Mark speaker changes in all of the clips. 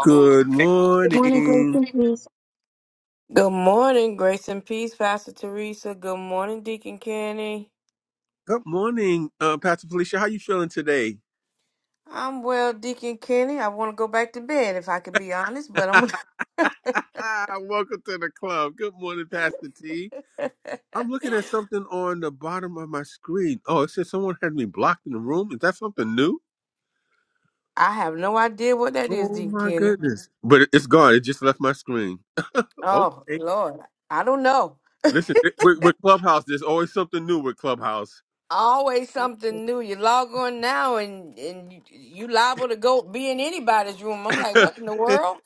Speaker 1: Good
Speaker 2: Good morning, Grace
Speaker 1: morning.
Speaker 2: and Peace.
Speaker 3: Good morning, grace and peace, Pastor Teresa. Good morning, Deacon Kenny.
Speaker 1: Good morning, uh, Pastor Felicia. How you feeling today?
Speaker 3: I'm well, Deacon Kenny. I want to go back to bed if I could be honest, but I'm.
Speaker 1: Ah, welcome to the club. Good morning, Pastor T. I'm looking at something on the bottom of my screen. Oh, it says someone had me blocked in the room. Is that something new?
Speaker 3: I have no idea what that is,
Speaker 1: Oh
Speaker 3: Deacon
Speaker 1: my
Speaker 3: Kenny.
Speaker 1: goodness! But it- it's gone. It just left my screen.
Speaker 3: Oh
Speaker 1: Okay.
Speaker 3: Lord, I don't know.
Speaker 1: Listen, it- with, with Clubhouse, there's always something new with Clubhouse.
Speaker 3: Always something new. You log on now, and and you, you liable to go be in anybody's room. I'm like,
Speaker 1: I'm
Speaker 3: what in the world?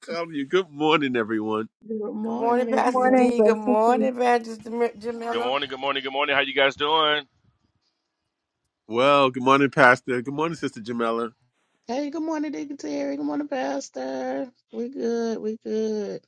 Speaker 1: telling you. Good morning, everyone.
Speaker 4: Good
Speaker 3: Good morning,
Speaker 4: morning,
Speaker 2: Good
Speaker 3: Pastor
Speaker 4: everyone.
Speaker 2: morning,
Speaker 3: D. Good
Speaker 2: Grace and Peace.
Speaker 3: morning, Evangelist
Speaker 5: Good
Speaker 3: Jamila.
Speaker 5: morning, good morning, good morning. How you guys doing?
Speaker 1: Well, good morning, Pastor. Good morning, Sister Jamela.
Speaker 4: Hey, good morning, Dignitary. Good morning, Pastor. We good. We good.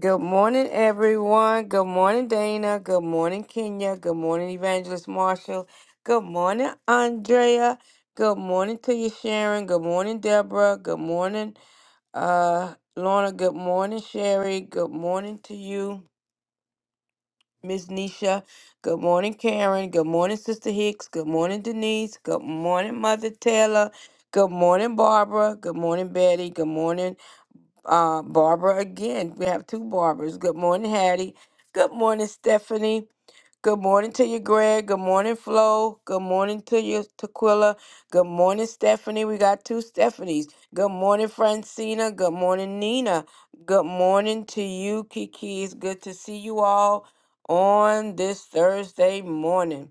Speaker 3: Good morning, everyone. Good morning, Dana. Good morning, Kenya. Good morning, Evangelist Marshall. Good morning, Andrea. Good morning to you, Sharon. Good morning, Deborah. Good morning, uh, Lorna. Good morning, Sherry. Good morning to you, Miss Nisha. Good morning, Karen. Good morning, Sister Hicks. Good morning, Denise. Good morning, Mother Taylor. Good morning, Barbara. Good morning, Betty. Good morning uh, Barbara again. We have two Barbaras. Good morning, Hattie. Good morning, Stephanie. Good morning to you, Greg. Good morning, Flo. Good morning to you, Tequila. Good morning, Stephanie. We got two Stephanies. Good morning, Francina. Good morning, Nina. Good morning to you, Kiki. It's good to see you all on this Thursday morning.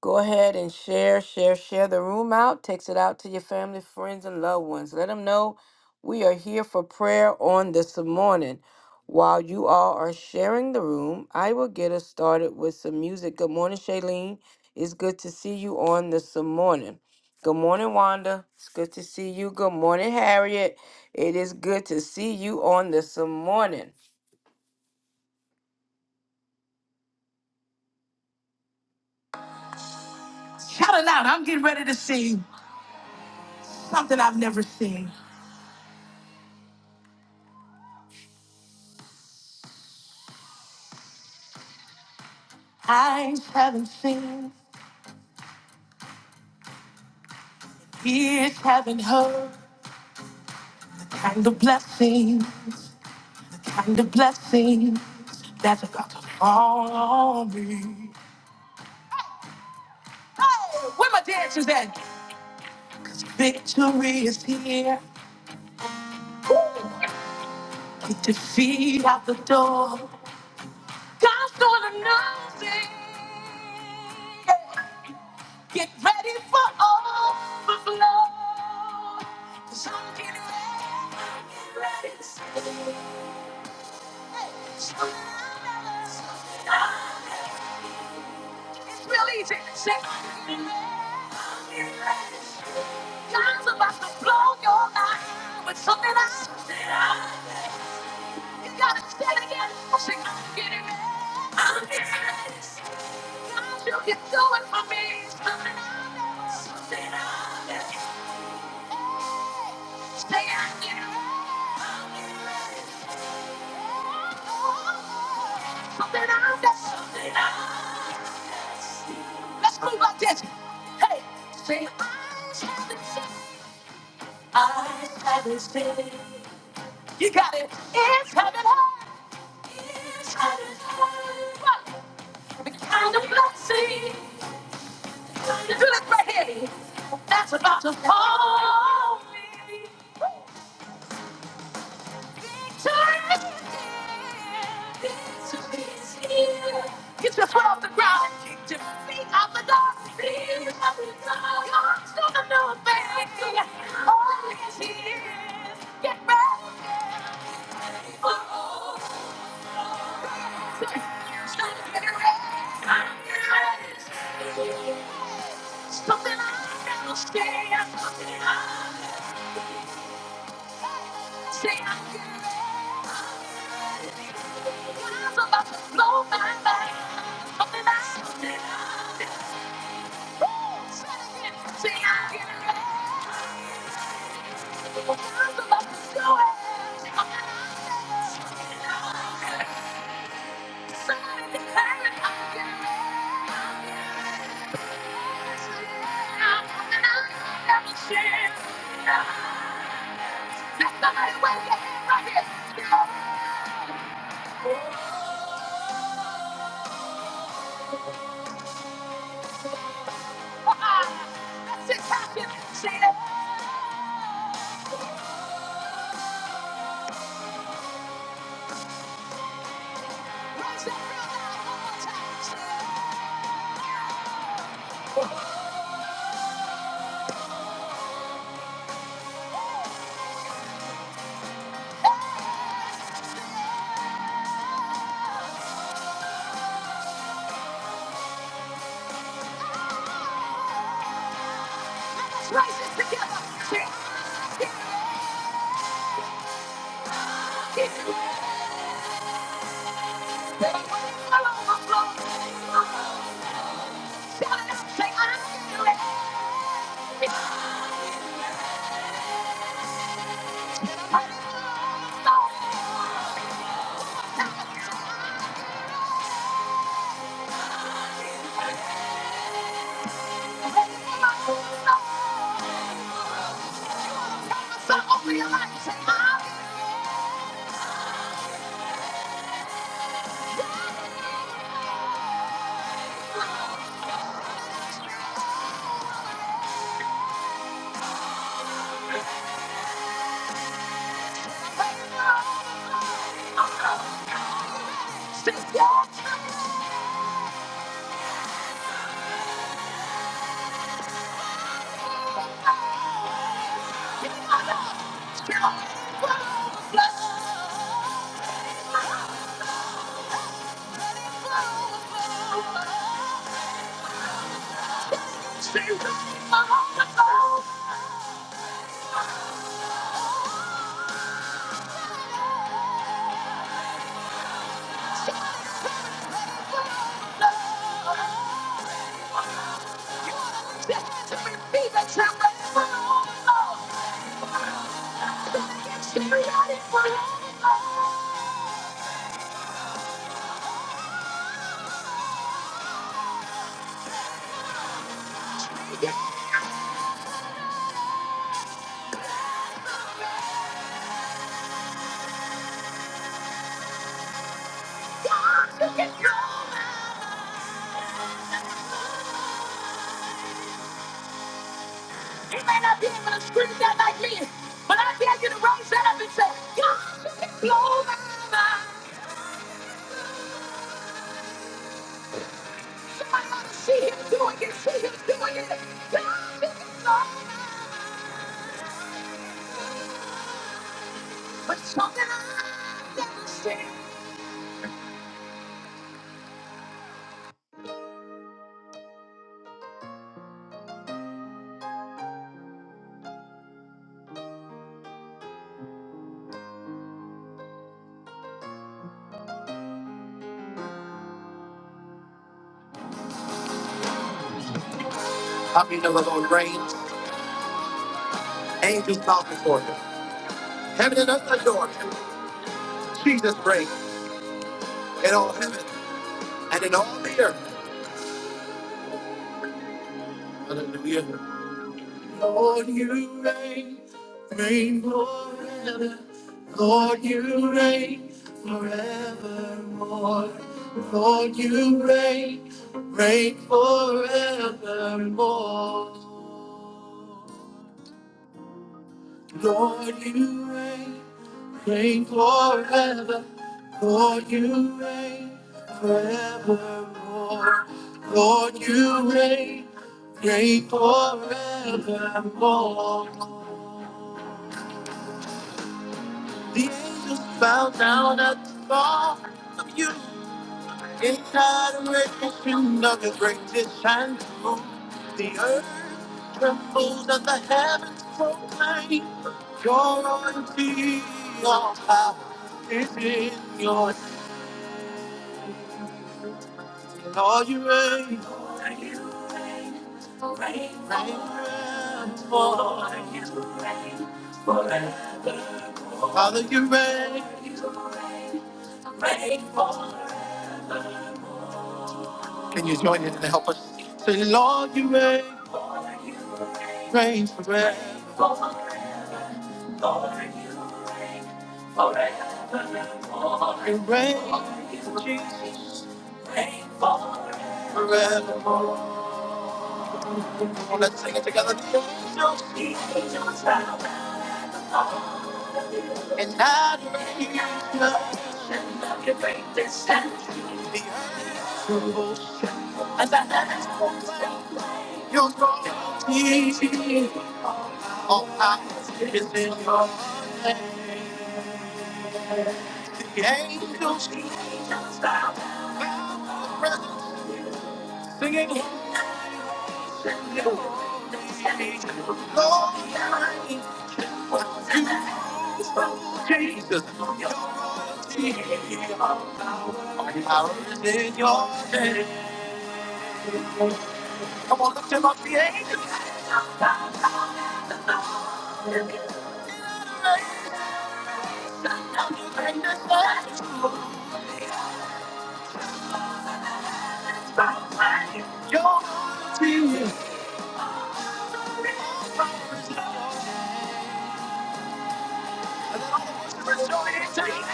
Speaker 3: Go ahead and share, share, share the room out. Text it out to your family, friends, and loved ones. Let them know we are here for prayer on this morning. While you all are sharing the room, I will get us started with some music. Good morning, Shailene. It's good to see you on this morning. Good morning, Wanda. It's good to see you. Good morning, Harriet. It is good to see you on this morning. Shout it out. I'm getting ready to sing something I've never seen. I haven't seen. Ears having her kind of blessings, kind of blessings that's about to fall on me. Hey, where my dancers at? 'Cause victory is here. Woo! Get your feet out the door. God's doing a Get ready for overflow. 'Cause I'm getting ready. I'm getting ready to see. It's real easy. Say, God's about to blow your mind with something else. You gotta say it again. Say, I'm getting it. I'm getting it. God, you can do it for me. Something I never- something I never- Hey, Say, I'm getting ready, I'm getting ready. Something out there. Something out there. Let's move like this. Hey, say, eyes haven't seen. Eyes haven't seen. You got it. Ears haven't heard. Ears haven't heard. What? The kind of blessing do this right here. That's about to fall. on me. Get your foot off the ground and kick your feet out the door. Feet out the door. God's gonna do a thing. All these years, get ready. Oh, oh, oh. Stop getting ready. Something I don't understand. Something I don't understand. Say I'm getting ready. God's about to blow my mind. Something I- something I- Woo! Say it again. Say I'm getting ready. God's about to do it. Something I- have a chance. somebody wave your hand right here. Let's just pop it. Say it. Raise it real loud one more time. Say it. Let's raise it together. Say it. Get it. Get it. real. All over the floor. Shout it out. Say, "I feel it." It's burning my soul. Burning my soul. Prophesy over your life. Say, "I feel it." Yeah. You may not be able to scream that like me, but I dare you to raise that up and say, God, you can blow my mind. Somebody ought to see him doing it, see him doing it. God, you can blow my mind. But something I've never seen. How many know the Lord reigns? Angels bow before him. Heaven and earth adore him. Jesus reigns in all heaven and in all the earth. Hallelujah. Lord, you, Reign forevermore. Lord, you reign forever. Lord, you reign forevermore. Lord, you reign, reign forevermore. The angels bow down at the thought of you In adoration of your greatest and true, the earth trembles and the heavens proclaim your royalty. All power is in your hand. Lord, you reign, reign, reign, forever. Father, you reign. Can you join in and help us? Say, Lord, you reign, reign forever. You reign forever. Let's sing it together. The angels angels, bow. And I lay your blessing on your greatest hand. The earth trembles, trembles at your glory. All power is in your hands. The angels bow down in your presence, singing, Holy, holy, Lord, reign. Jesus, your power is in your name. Come on, lift him up, the angels. Yo, and all the worshipers join in singing.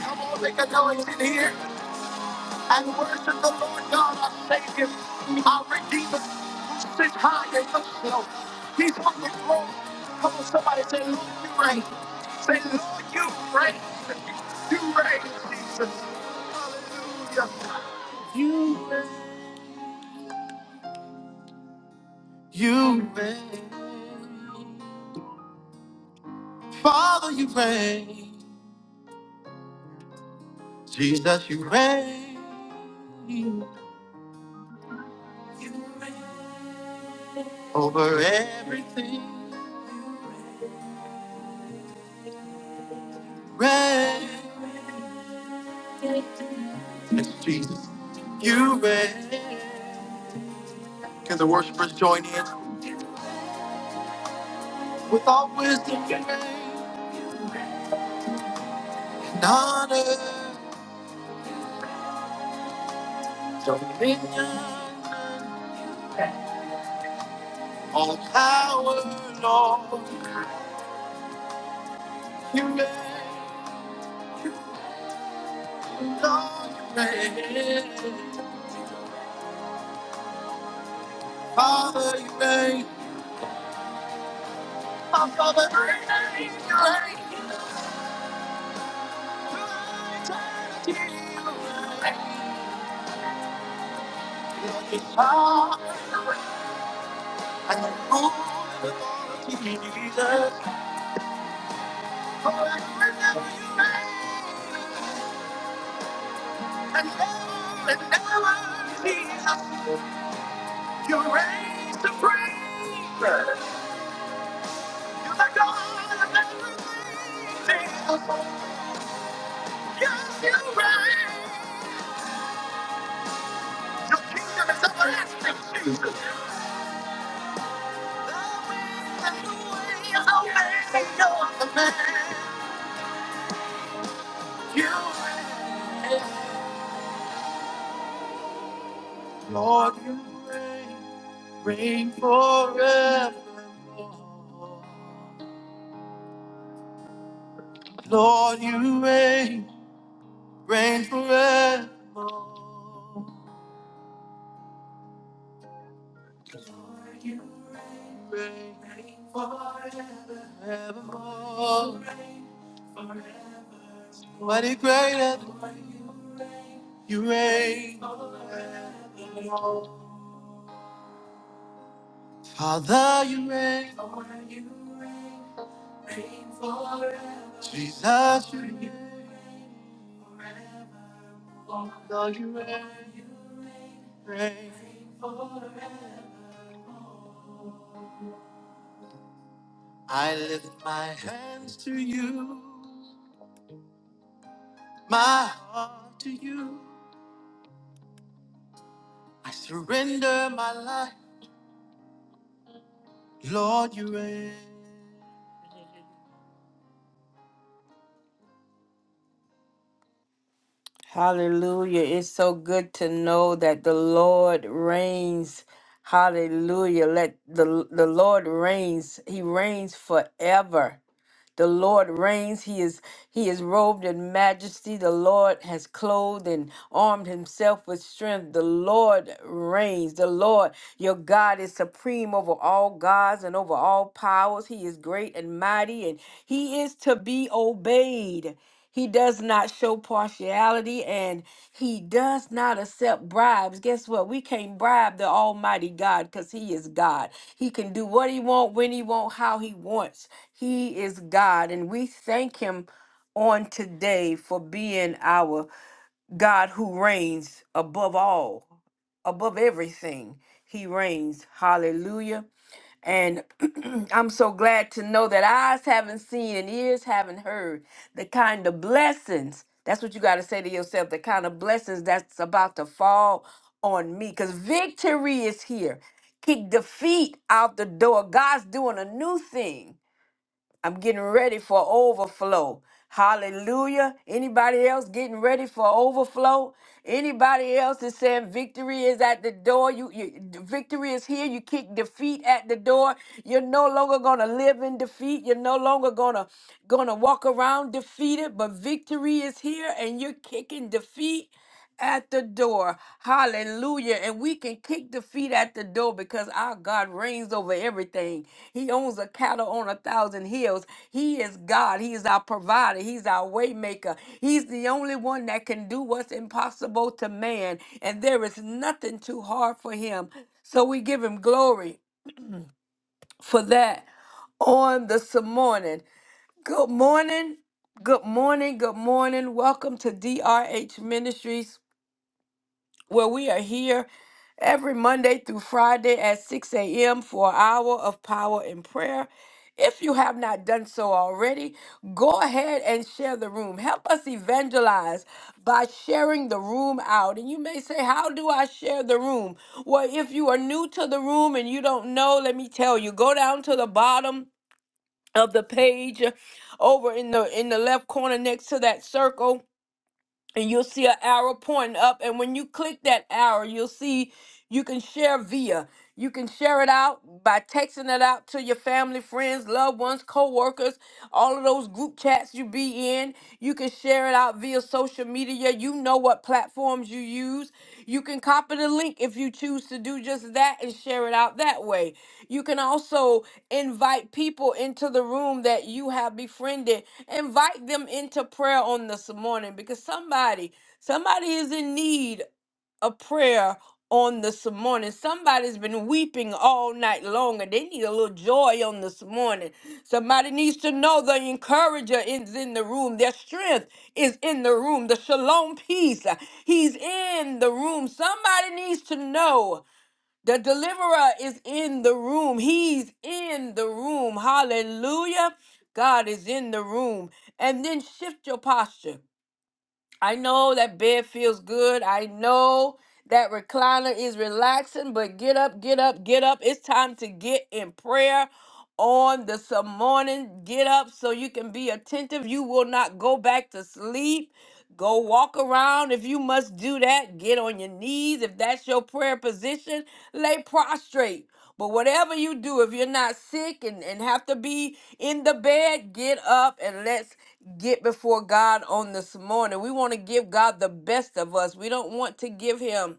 Speaker 3: Come on, make a noise in here and worship the Lord God, our Savior, our Redeemer, who sits high and looks low. He's on the throne. Come on, somebody say, Lord, you reign. Say, Lord, you reign. You reign, Jesus. Hallelujah. You reign. You reign. Father, you reign. Jesus, you reign. You reign over everything. Reign. Yes, Jesus. You reign. Can the worshipers join in? With all wisdom, you reign. And honor. All power, Lord. You reign. Lord, you reign. Father, you reign. Our Father, you reign. Through eternity, you reign. Lord, you are. And you rule the authority, Jesus. Forever and ever you reign. And ever and ever, Jesus. You reign supreme. You're the God of everything, Jesus. Yes, you reign. The kingdom is everlasting, Jesus. The way and the way is open, you the man. You reign. Lord, you reign, reign forevermore. Lord, you reign, reign forevermore. Lord, you reign, reign reign forevermore. Mighty greater, you reign. Father, you reign. Jesus, you reign. forevermore. Lord, you reign. Reign. forevermore. I lift my hands to you, my heart to you. I surrender my life. Lord, you reign. Hallelujah. It's so good to know that the Lord reigns. Hallelujah. Let the the Lord reigns. He reigns forever. The Lord reigns. He is he is robed in majesty. The Lord has clothed and armed himself with strength. The Lord reigns. The Lord, your God, is supreme over all gods and over all powers. He is great and mighty, and he is to be obeyed. He does not show partiality and he does not accept bribes. Guess what? We can't bribe the Almighty God because he is God. He can do what he wants when he wants how he wants. He is God, and we thank Him on today for being our God who reigns above all, above everything. He reigns. Hallelujah. And I'm so glad to know that eyes haven't seen and ears haven't heard the kind of blessings. That's what you got to say to yourself the kind of blessings that's about to fall on me because victory is here. Kick defeat out the door. God's doing a new thing. I'm getting ready for overflow. Hallelujah. Anybody else getting ready for overflow? Anybody else is saying victory is at the door? You, you victory is here. You kick defeat at the door. You're no longer gonna live in defeat. You're no longer gonna gonna walk around defeated, but victory is here and you're kicking defeat at the door. Hallelujah. And we can kick the feet at the door because our God reigns over everything. He owns a cattle on a thousand hills. He is God. He is our provider. He's our waymaker. He's the only one that can do what's impossible to man. And there is nothing too hard for him. So we give him glory for that on this morning. Good morning. Good morning. Good morning. Welcome to DRH Ministries where we are here every Monday through Friday at 6 a.m. for an hour of power and prayer. If you have not done so already, go ahead and share the room. Help us evangelize by sharing the room out. And you may say, How do I share the room? Well, if you are new to the room and you don't know, let me tell you, go down to the bottom of the page uh, over in the in the left corner next to that circle and you'll see an arrow pointing up. And when you click that arrow, you'll see you can share via. You can share it out by texting it out to your family, friends, loved ones, co-workers, all of those group chats you be in. You can share it out via social media. You know what platforms you use. You can copy the link if you choose to do just that and share it out that way. You can also invite people into the room that you have befriended invite them into prayer on this morning because somebody somebody is in need of prayer on this morning somebody's been weeping all night long and they need a little joy on this morning somebody needs to know the encourager is in the room their strength is in the room the shalom peace uh, he's in the room somebody needs to know the deliverer is in the room. He's in the room. Hallelujah. God is in the room. And then shift your posture. I know that bed feels good. I know that recliner is relaxing, but get up, get up, get up. It's time to get in prayer on this morning. Get up so you can be attentive. You will not go back to sleep. Go walk around if you must do that. Get on your knees if that's your prayer position. Lay prostrate. But whatever you do, if you're not sick and, and have to be in the bed, get up and let's get before God on this morning. We want to give God the best of us. We don't want to give him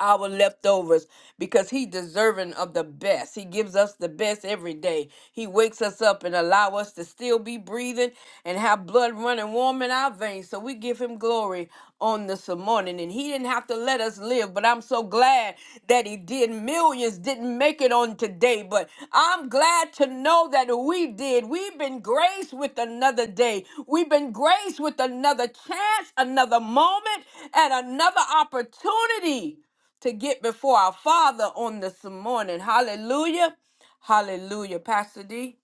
Speaker 3: our leftovers because he deserving of the best he gives us the best every day he wakes us up and allow us to still be breathing and have blood running warm in our veins so we give him glory on this morning and he didn't have to let us live but i'm so glad that he did millions didn't make it on today but i'm glad to know that we did we've been graced with another day we've been graced with another chance another moment and another opportunity to get before our Father on this morning. Hallelujah. Hallelujah. Pastor D.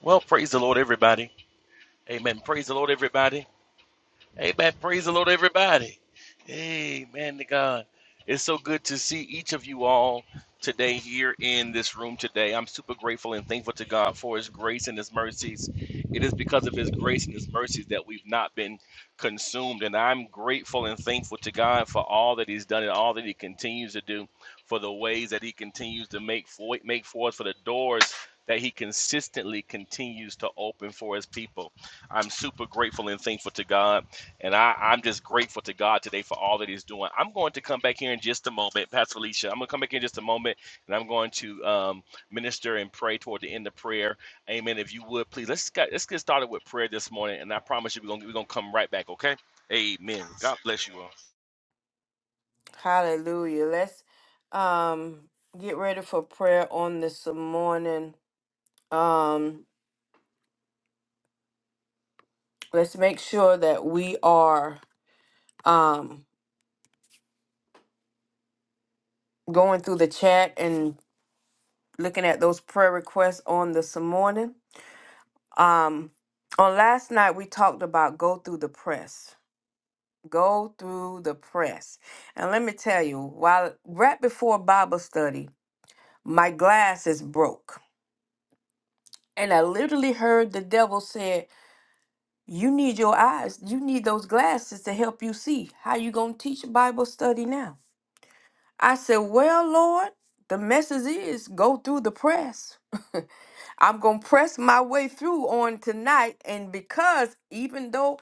Speaker 5: Well, praise the Lord, everybody. Amen. Praise the Lord, everybody. Amen. Praise the Lord, everybody. Amen to God. It's so good to see each of you all today here in this room today. I'm super grateful and thankful to God for His grace and His mercies. It is because of His grace and His mercies that we've not been consumed. And I'm grateful and thankful to God for all that He's done and all that He continues to do, for the ways that He continues to make for, make for us, for the doors that He consistently continues to open for His people. I'm super grateful and thankful to God and I, I'm just grateful to God today for all that He's doing. I'm going to come back here in just a moment, Pastor Alicia. I'm going to come back here in just a moment, and I'm going to um, minister and pray toward the end of prayer. Amen. If you would, please let's get, let's get started with prayer this morning, and I promise you, we're going to we're gonna come right back. Okay. Amen. God bless you all.
Speaker 3: Hallelujah. Let's um get ready for prayer on this morning. Um let's make sure that we are um going through the chat and looking at those prayer requests on this morning. Um on last night we talked about go through the press. Go through the press. And let me tell you, while right before Bible study, My glass is broke. And I literally heard the devil say, You need your eyes. You need those glasses to help you see. How you gonna teach a Bible study now? I said, Well, Lord, the message is go through the press. I'm gonna press my way through on tonight. And because even though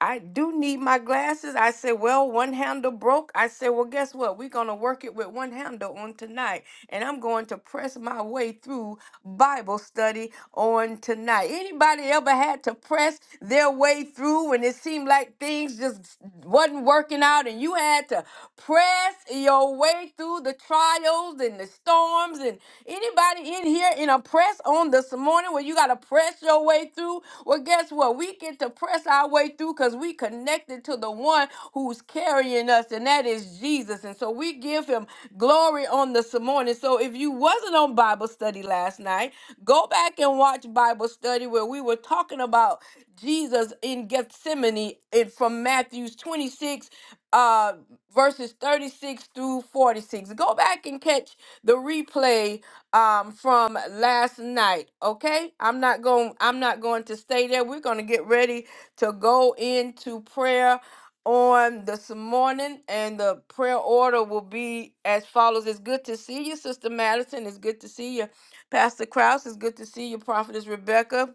Speaker 3: I do need my glasses. I said, well, one handle broke. I said, well, guess what? We're going to work it with one handle on tonight. And I'm going to press my way through Bible study on tonight. Anybody ever had to press their way through when it seemed like things just wasn't working out and you had to press your way through the trials and the storms and Anybody in here in a press on this morning where you got to press your way through? Well, guess what? We get to press our way through because we connected to the one who's carrying us, and that is Jesus. And so we give him glory on this morning. So if you wasn't on Bible study last night, go back and watch Bible study where we were talking about Jesus in Gethsemane and from Matthew's 26 uh verses 36 through 46. Go back and catch the replay um from last night okay i'm not going i'm not going to stay there we're going to get ready to go into prayer on this morning and the prayer order will be as follows it's good to see you sister madison it's good to see you pastor kraus it's good to see you prophetess rebecca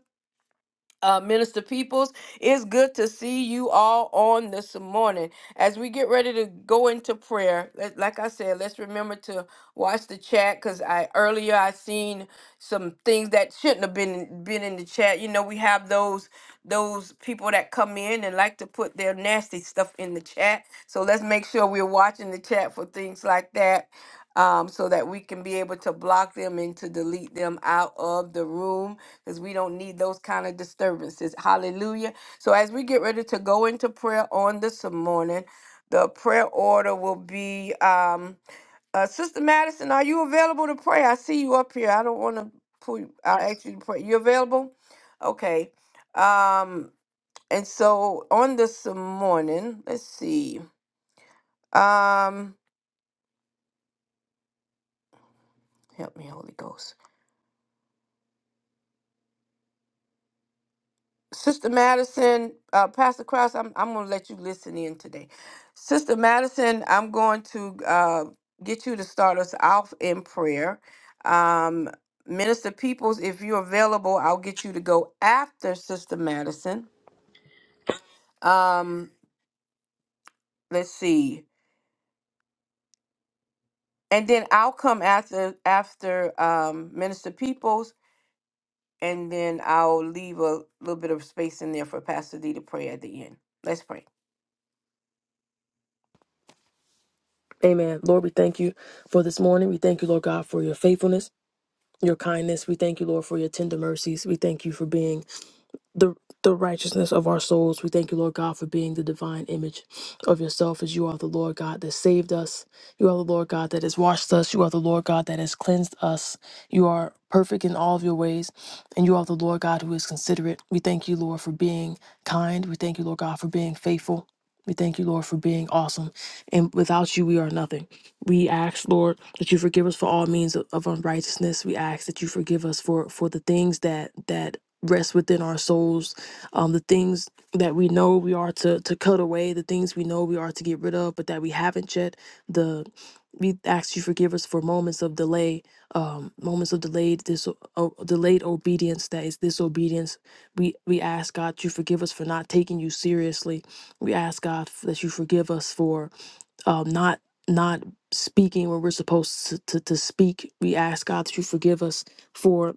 Speaker 3: uh, Minister Peoples, it's good to see you all on this morning. As we get ready to go into prayer, let- like I said, let's remember to watch the chat because I earlier I seen some things that shouldn't have been been in the chat. You know, we have those those people that come in and like to put their nasty stuff in the chat. So let's make sure we're watching the chat for things like that, um, so that we can be able to block them and to delete them out of the room because we don't need those kind of disturbances. Hallelujah. So as we get ready to go into prayer on this morning, the prayer order will be um uh Sister Madison, are you available to pray? I see you up here. I don't want to pull you i ask you to pray. You available? Okay. Um and so on this morning, let's see. Um help me, Holy Ghost. Sister Madison, uh, Pastor Krause, I'm, I'm going to let you listen in today. Sister Madison, I'm going to uh, get you to start us off in prayer. Um, Minister Peoples, if you're available, I'll get you to go after Sister Madison. Um, let's see. And then I'll come after after um, Minister Peoples, and then I'll leave a little bit of space in there for Pastor D to pray at the end. Let's pray.
Speaker 6: Amen. Lord, we thank you for this morning. We thank you, Lord God, for your faithfulness, your kindness. We thank you, Lord, for your tender mercies. We thank you for being the the righteousness of our souls. We thank you, Lord God, for being the divine image of yourself, as you are the Lord God that saved us. You are the Lord God that has washed us. You are the Lord God that has cleansed us. You are perfect in all of your ways, and you are the Lord God who is considerate. We thank you, Lord, for being kind. We thank you, Lord God, for being faithful. We thank you, Lord, for being awesome. And without you, we are nothing. We ask, Lord, that you forgive us for all means of, of unrighteousness. We ask that you forgive us for for the things that that rest within our souls um the things that we know we are to to cut away the things we know we are to get rid of but that we haven't yet the we ask you forgive us for moments of delay um moments of delayed this o- delayed obedience that is disobedience we we ask god you forgive us for not taking you seriously we ask god that you forgive us for um not not speaking when we're supposed to, to, to speak we ask god that you forgive us for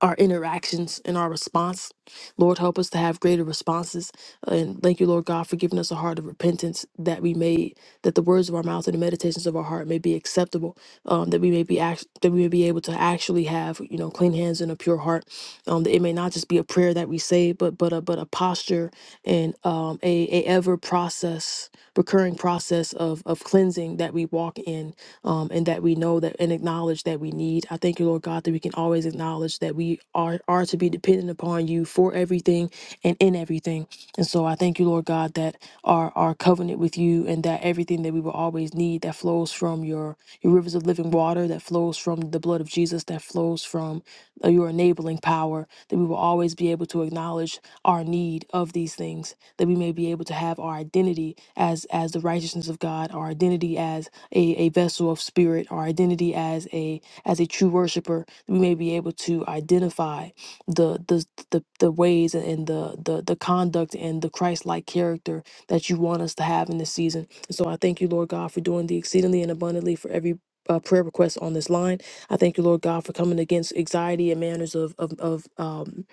Speaker 6: our interactions and our response. Lord, help us to have greater responses. And thank you, Lord God, for giving us a heart of repentance that we may, that the words of our mouth and the meditations of our heart may be acceptable, um, that we may be act- that we may be able to actually have, you know, clean hands and a pure heart. Um, that it may not just be a prayer that we say, but but a but a posture and um, a a ever process, recurring process of of cleansing that we walk in um, and that we know that and acknowledge that we need. I thank you, Lord God, that we can always acknowledge that we are, are to be dependent upon you for everything and in everything. And so I thank you, Lord God, that our, our covenant with you and that everything that we will always need that flows from your, your rivers of living water, that flows from the blood of Jesus, that flows from uh, your enabling power, that we will always be able to acknowledge our need of these things, that we may be able to have our identity as as the righteousness of God, our identity as a, a vessel of spirit, our identity as a as a true worshiper, we may be able to identify the the the, the ways and the, the the conduct and the Christ like character that you want us to have in this season. And so I thank you, Lord God, for doing the exceedingly and abundantly for every uh, prayer request on this line. I thank you, Lord God, for coming against anxiety and manners of of, of um,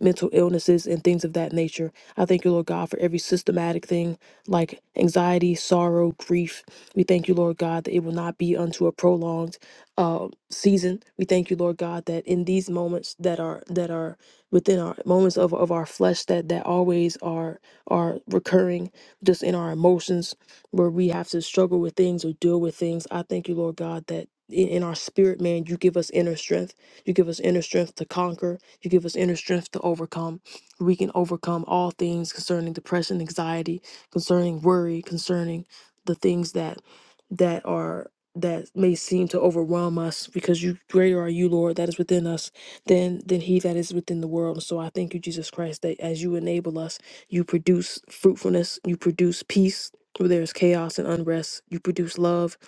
Speaker 6: mental illnesses and things of that nature. I thank you, Lord God, for every systematic thing like anxiety, sorrow, grief, we thank you, Lord God, that it will not be unto a prolonged uh, season. We thank you, Lord God, that in these moments that are that are within our moments of, of our flesh that that always are are recurring just in our emotions where we have to struggle with things or deal with things. I thank you, Lord God, that in in our spirit, man, you give us inner strength. You give us inner strength to conquer. You give us inner strength to overcome. We can overcome all things concerning depression, anxiety, concerning worry, concerning the things that that are that may seem to overwhelm us because you greater are you lord that is within us than than he that is within the world so i thank you jesus christ that as you enable us you produce fruitfulness you produce peace where there is chaos and unrest you produce love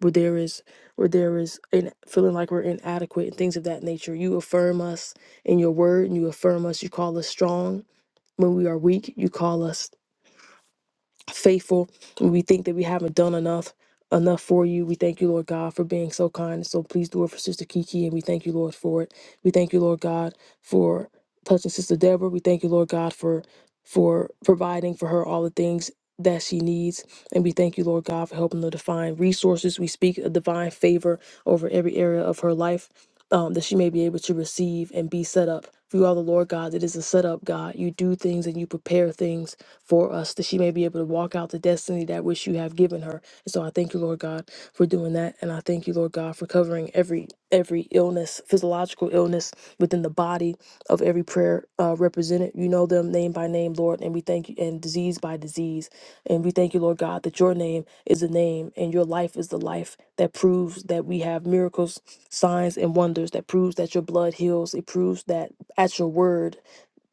Speaker 6: where there is where there is in feeling like we're inadequate and things of that nature you affirm us in your word and you affirm us you call us strong when we are weak you call us faithful. We think that we haven't done enough enough for you. We thank you, Lord God, for being so kind. So please do it for Sister Kiki, and we thank you, Lord, for it. We thank you, Lord God, for touching Sister Deborah. We thank you, Lord God, for for providing for her all the things that she needs. And we thank you, Lord God, for helping her to find resources. We speak a divine favor over every area of her life um, that she may be able to receive and be set up. If you are the Lord God, that is a setup, God. You do things and you prepare things for us, that she may be able to walk out the destiny that which you have given her. And so I thank you, Lord God, for doing that. And I thank you, Lord God, for covering every every illness, physiological illness within the body of every prayer uh, represented. You know them name by name, Lord, and we thank you, and disease by disease. And we thank you, Lord God, that your name is the name and your life is the life that proves that we have miracles, signs, and wonders, that proves that your blood heals. It proves that at your word,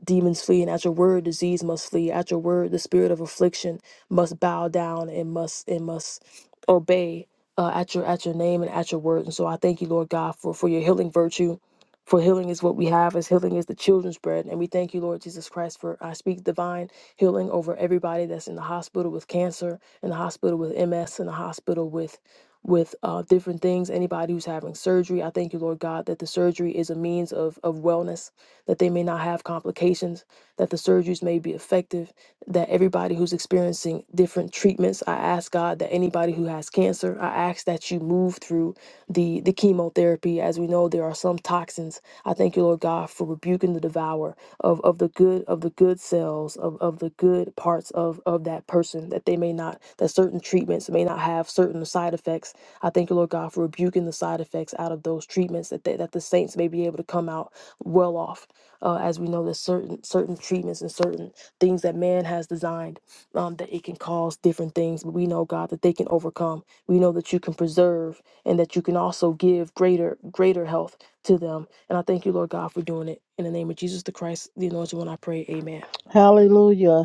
Speaker 6: Demons flee, and at your word, disease must flee. At your word, the spirit of affliction must bow down and must and must obey uh, at your at your name and at your word. And so I thank you, Lord God, for for your healing virtue. For healing is what we have, as healing is the children's bread. And we thank you, Lord Jesus Christ, for I speak divine healing over everybody that's in the hospital with cancer, in the hospital with MS, in the hospital with with uh, different things. Anybody who's having surgery, I thank you, Lord God, that the surgery is a means of of wellness that they may not have complications, that the surgeries may be effective, that everybody who's experiencing different treatments, I ask God that anybody who has cancer, I ask that you move through the, the chemotherapy. As we know, there are some toxins. I thank you, Lord God, for rebuking the devourer of, of the good of the good cells of, of the good parts of, of that person that they may not that certain treatments may not have certain side effects. I thank you, Lord God, for rebuking the side effects out of those treatments that they, that the saints may be able to come out well off uh, as we know there's certain certain treatments and certain things that man has designed um, that it can cause different things but we know god that they can overcome we know that you can preserve and that you can also give greater greater health to them and i thank you lord god for doing it in the name of jesus the christ the anointed one i pray amen
Speaker 7: Hallelujah.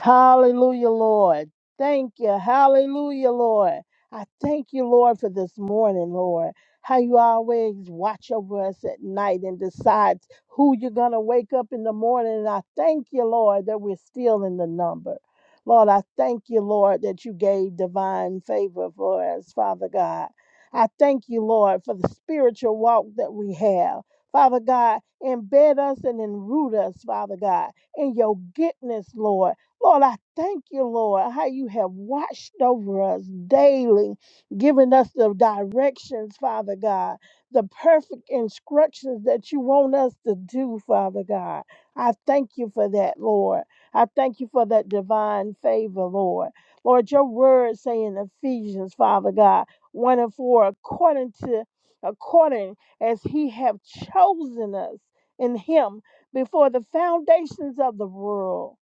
Speaker 7: Hallelujah, Lord. Thank you. Hallelujah, Lord. I thank you, Lord, for this morning, Lord. How you always watch over us at night and decide who you're going to wake up in the morning. And I thank you, Lord, that we're still in the number. Lord, I thank you, Lord, that you gave divine favor for us, Father God. I thank you, Lord, for the spiritual walk that we have. Father God, embed us and enroot us, Father God, in your goodness, Lord. Lord, I thank you, Lord, how you have watched over us daily, giving us the directions, Father God, the perfect instructions that you want us to do, Father God. I thank you for that, Lord. I thank you for that divine favor, Lord. Lord, your word say in Ephesians, Father God, 1 and 4, according to according as he have chosen us in him before the foundations of the world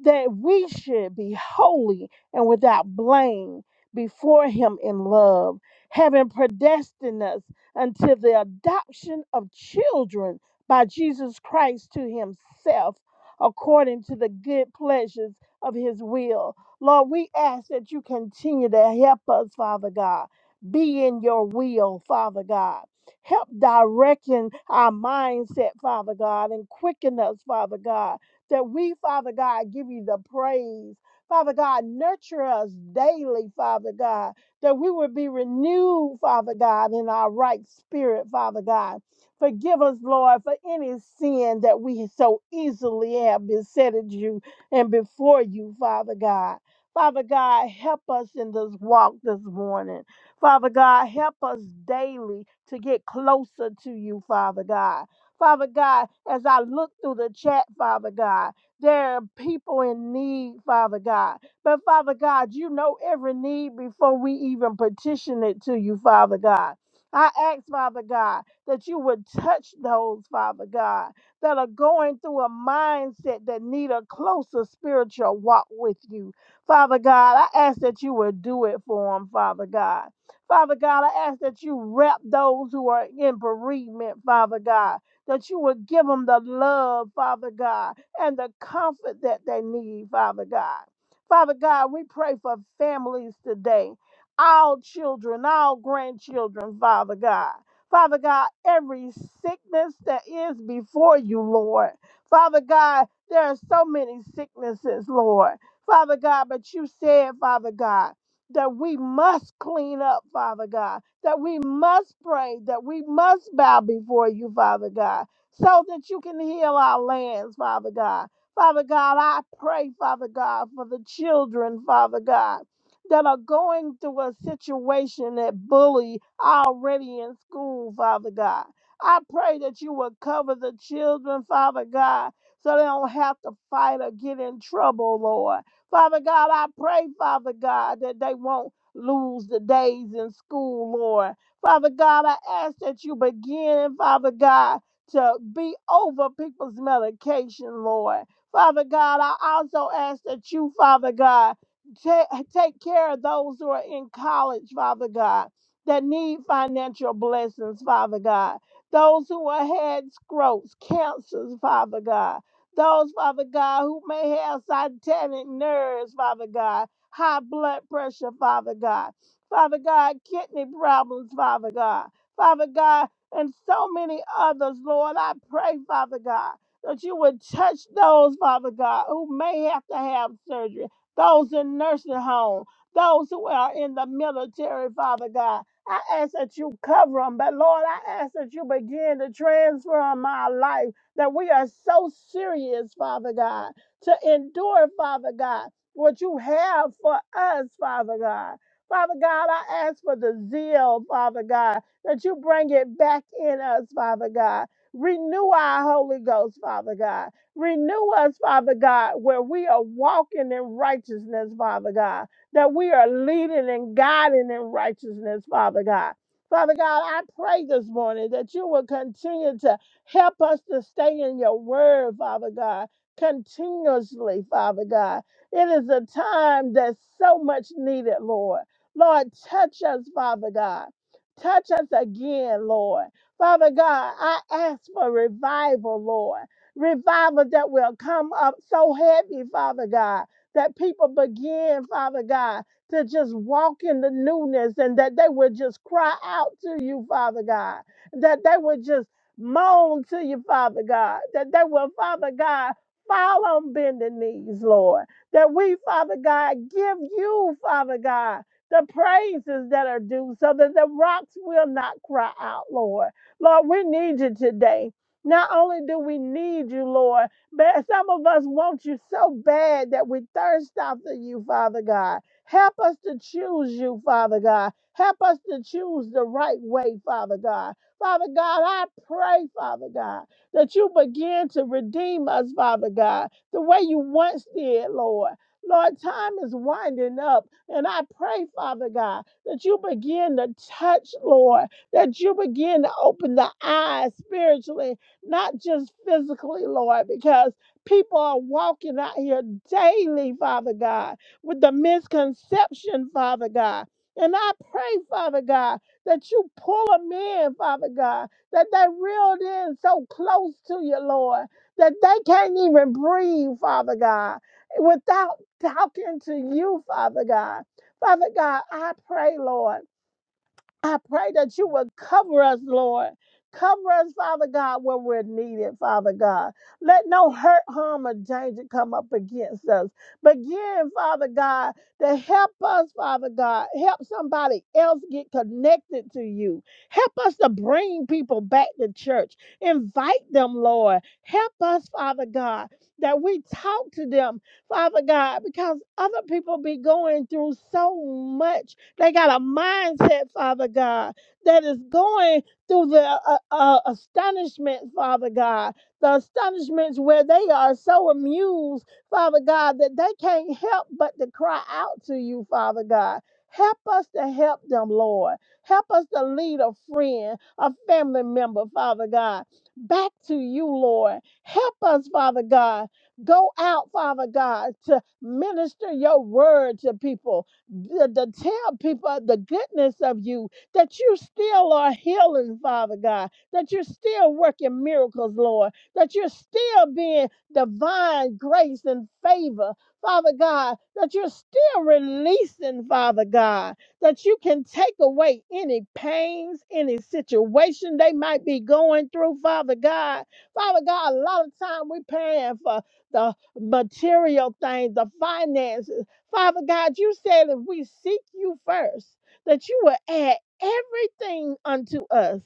Speaker 7: that we should be holy and without blame before Him in love, having predestined us unto the adoption of children by Jesus Christ to Himself, according to the good pleasures of His will. Lord, we ask that you continue to help us, Father God. Be in your will, Father God. Help directing our mindset, Father God, and quicken us, Father God that we, Father God, give you the praise. Father God, nurture us daily, Father God, that we would be renewed, Father God, in our right spirit, Father God. Forgive us, Lord, for any sin that we so easily have besetted you and before you, Father God. Father God, help us in this walk this morning. Father God, help us daily to get closer to you, Father God. Father God, as I look through the chat, Father God, there are people in need, Father God. But Father God, you know every need before we even petition it to you, Father God. I ask, Father God, that you would touch those, Father God, that are going through a mindset that need a closer spiritual walk with you. Father God, I ask that you would do it for them, Father God. Father God, I ask that you wrap those who are in bereavement, Father God that you would give them the love, Father God, and the comfort that they need, Father God. Father God, we pray for families today, all children, all grandchildren, Father God. Father God, every sickness that is before you, Lord. Father God, there are so many sicknesses, Lord. Father God, but you said, Father God, that we must clean up, Father God that we must pray, that we must bow before you, Father God, so that you can heal our lands, Father God. Father God, I pray, Father God, for the children, Father God, that are going through a situation that bully already in school, Father God. I pray that you will cover the children, Father God, so they don't have to fight or get in trouble, Lord. Father God, I pray, Father God, that they won't lose the days in school, Lord. Father God, I ask that you begin, Father God, to be over people's medication, Lord. Father God, I also ask that you, Father God, ta- take care of those who are in college, Father God, that need financial blessings, Father God. Those who are had growths, cancers, Father God. Those, Father God, who may have satanic nerves, Father God high blood pressure, Father God. Father God, kidney problems, Father God. Father God, and so many others, Lord. I pray, Father God, that you would touch those, Father God, who may have to have surgery, those in nursing homes, those who are in the military, Father God. I ask that you cover them, but Lord, I ask that you begin to transform our life, that we are so serious, Father God, to endure, Father God what you have for us, Father God. Father God, I ask for the zeal, Father God, that you bring it back in us, Father God. Renew our Holy Ghost, Father God. Renew us, Father God, where we are walking in righteousness, Father God, that we are leading and guiding in righteousness, Father God. Father God, I pray this morning that you will continue to help us to stay in your word, Father God, continuously, Father God. It is a time that's so much needed, Lord. Lord, touch us, Father God. Touch us again, Lord. Father God, I ask for revival, Lord. Revival that will come up so heavy, Father God, that people begin, Father God, to just walk in the newness and that they would just cry out to you, Father God, that they would just moan to you, Father God, that they will, Father God, fall on bended knees, Lord that we, Father God, give you, Father God, the praises that are due so that the rocks will not cry out, Lord. Lord, we need you today. Not only do we need you, Lord, but some of us want you so bad that we thirst after you, Father God. Help us to choose you, Father God. Help us to choose the right way, Father God. Father God, I pray, Father God, that you begin to redeem us, Father God the way you once did, Lord. Lord, time is winding up, and I pray, Father God, that you begin to touch, Lord, that you begin to open the eyes spiritually, not just physically, Lord, because people are walking out here daily, Father God, with the misconception, Father God. And I pray, Father God, that you pull them in, Father God, that they reeled in so close to you, Lord that they can't even breathe, Father God, without talking to you, Father God. Father God, I pray, Lord. I pray that you would cover us, Lord. Cover us, Father God, where we're needed, Father God. Let no hurt, harm, or danger come up against us. Begin, Father God, to help us, Father God. Help somebody else get connected to you. Help us to bring people back to church. Invite them, Lord. Help us, Father God, that we talk to them, Father God, because other people be going through so much they got a mindset, Father God, that is going through the uh, uh, uh, astonishment, Father God. The astonishments where they are so amused, Father God, that they can't help but to cry out to you, Father God. Help us to help them, Lord. Help us to lead a friend, a family member, Father God, back to you, Lord. Help us, Father God. Go out, Father God, to minister your word to people to, to tell people uh, the goodness of you, that you still are healing, Father God, that you're still working miracles, Lord, that you're still being divine grace and favor, Father God, that you're still releasing, Father God, that you can take away any pains, any situation they might be going through, Father God. Father God, a lot of time we're paying for the material things, the finances. Father God, you said if we seek you first, that you will add everything unto us.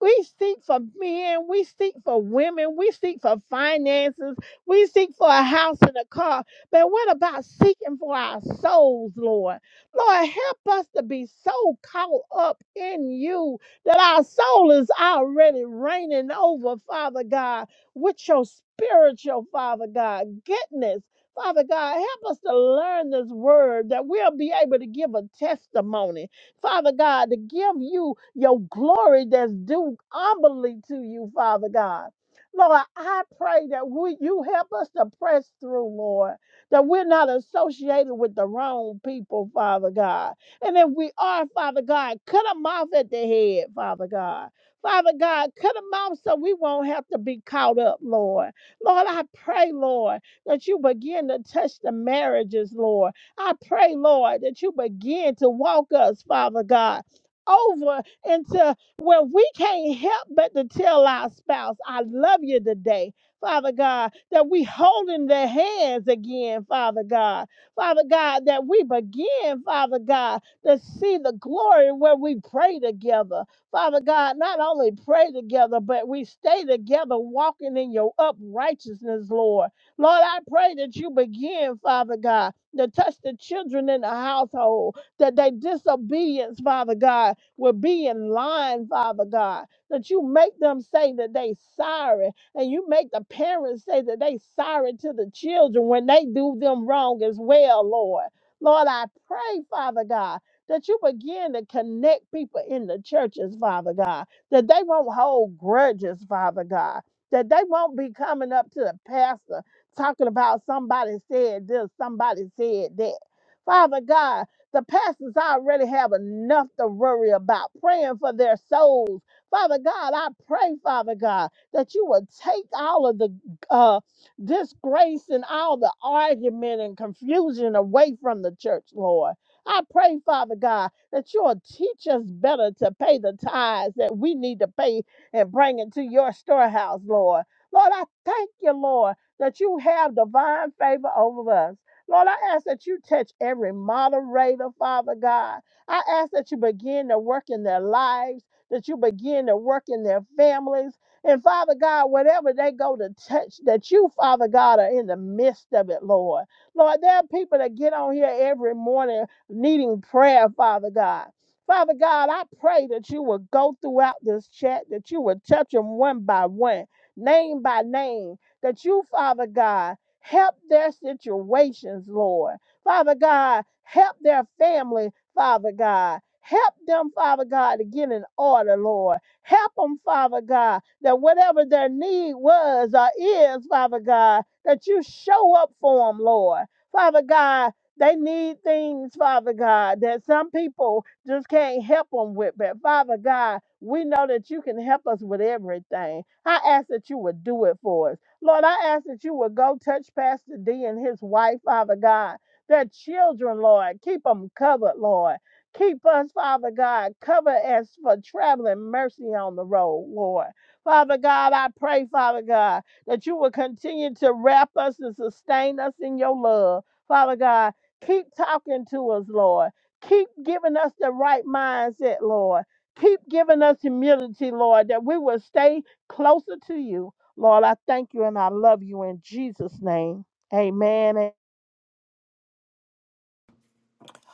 Speaker 7: We seek for men. We seek for women. We seek for finances. We seek for a house and a car. But what about seeking for our souls, Lord? Lord, help us to be so caught up in you that our soul is already reigning over, Father God, with your spiritual, Father God, goodness. Father God, help us to learn this word that we'll be able to give a testimony Father God, to give you your glory that's due humbly to you, Father God. Lord, I pray that we, you help us to press through, Lord, that we're not associated with the wrong people, Father God. And if we are, Father God, cut them off at the head, Father God. Father God, cut them off so we won't have to be caught up, Lord. Lord, I pray, Lord, that you begin to touch the marriages, Lord I pray, Lord, that you begin to walk us, Father God, over into where we can't help but to tell our spouse, I love you today. Father God, that we holding their hands again, Father God. Father God, that we begin, Father God, to see the glory where we pray together. Father God, not only pray together, but we stay together walking in your uprightness, Lord. Lord, I pray that you begin, Father God, to touch the children in the household, that their disobedience, Father God, will be in line, Father God, that you make them say that they sorry, and you make the parents say that they sorry to the children when they do them wrong as well, Lord. Lord, I pray, Father God, that you begin to connect people in the churches, Father God, that they won't hold grudges, Father God, that they won't be coming up to the pastor talking about somebody said this, somebody said that. Father God, the pastors already have enough to worry about, praying for their souls. Father God, I pray, Father God, that you will take all of the uh, disgrace and all the argument and confusion away from the church, Lord. I pray, Father God, that you'll teach us better to pay the tithes that we need to pay and bring into your storehouse, Lord. Lord, I thank you, Lord, that you have divine favor over us. Lord, I ask that you touch every moderator, Father God. I ask that you begin to work in their lives, that you begin to work in their families. And Father God, whatever they go to touch, that you, Father God, are in the midst of it, Lord. Lord, there are people that get on here every morning needing prayer, Father God. Father God, I pray that you will go throughout this chat, that you will touch them one by one, name by name that you, Father God, help their situations, Lord. Father God, help their family, Father God. Help them, Father God, to get in order, Lord. Help them, Father God, that whatever their need was or is, Father God, that you show up for them, Lord. Father God, they need things, Father God, that some people just can't help them with. But Father God, we know that you can help us with everything. I ask that you would do it for us. Lord, I ask that you would go touch Pastor D and his wife, Father God, their children, Lord. Keep them covered, Lord. Keep us, Father God, cover us for traveling mercy on the road, Lord. Father God, I pray, Father God, that you will continue to wrap us and sustain us in your love. Father God, keep talking to us, Lord. Keep giving us the right mindset, Lord. Keep giving us humility, Lord, that we will stay closer to you. Lord, I thank you and I love you in Jesus' name. Amen.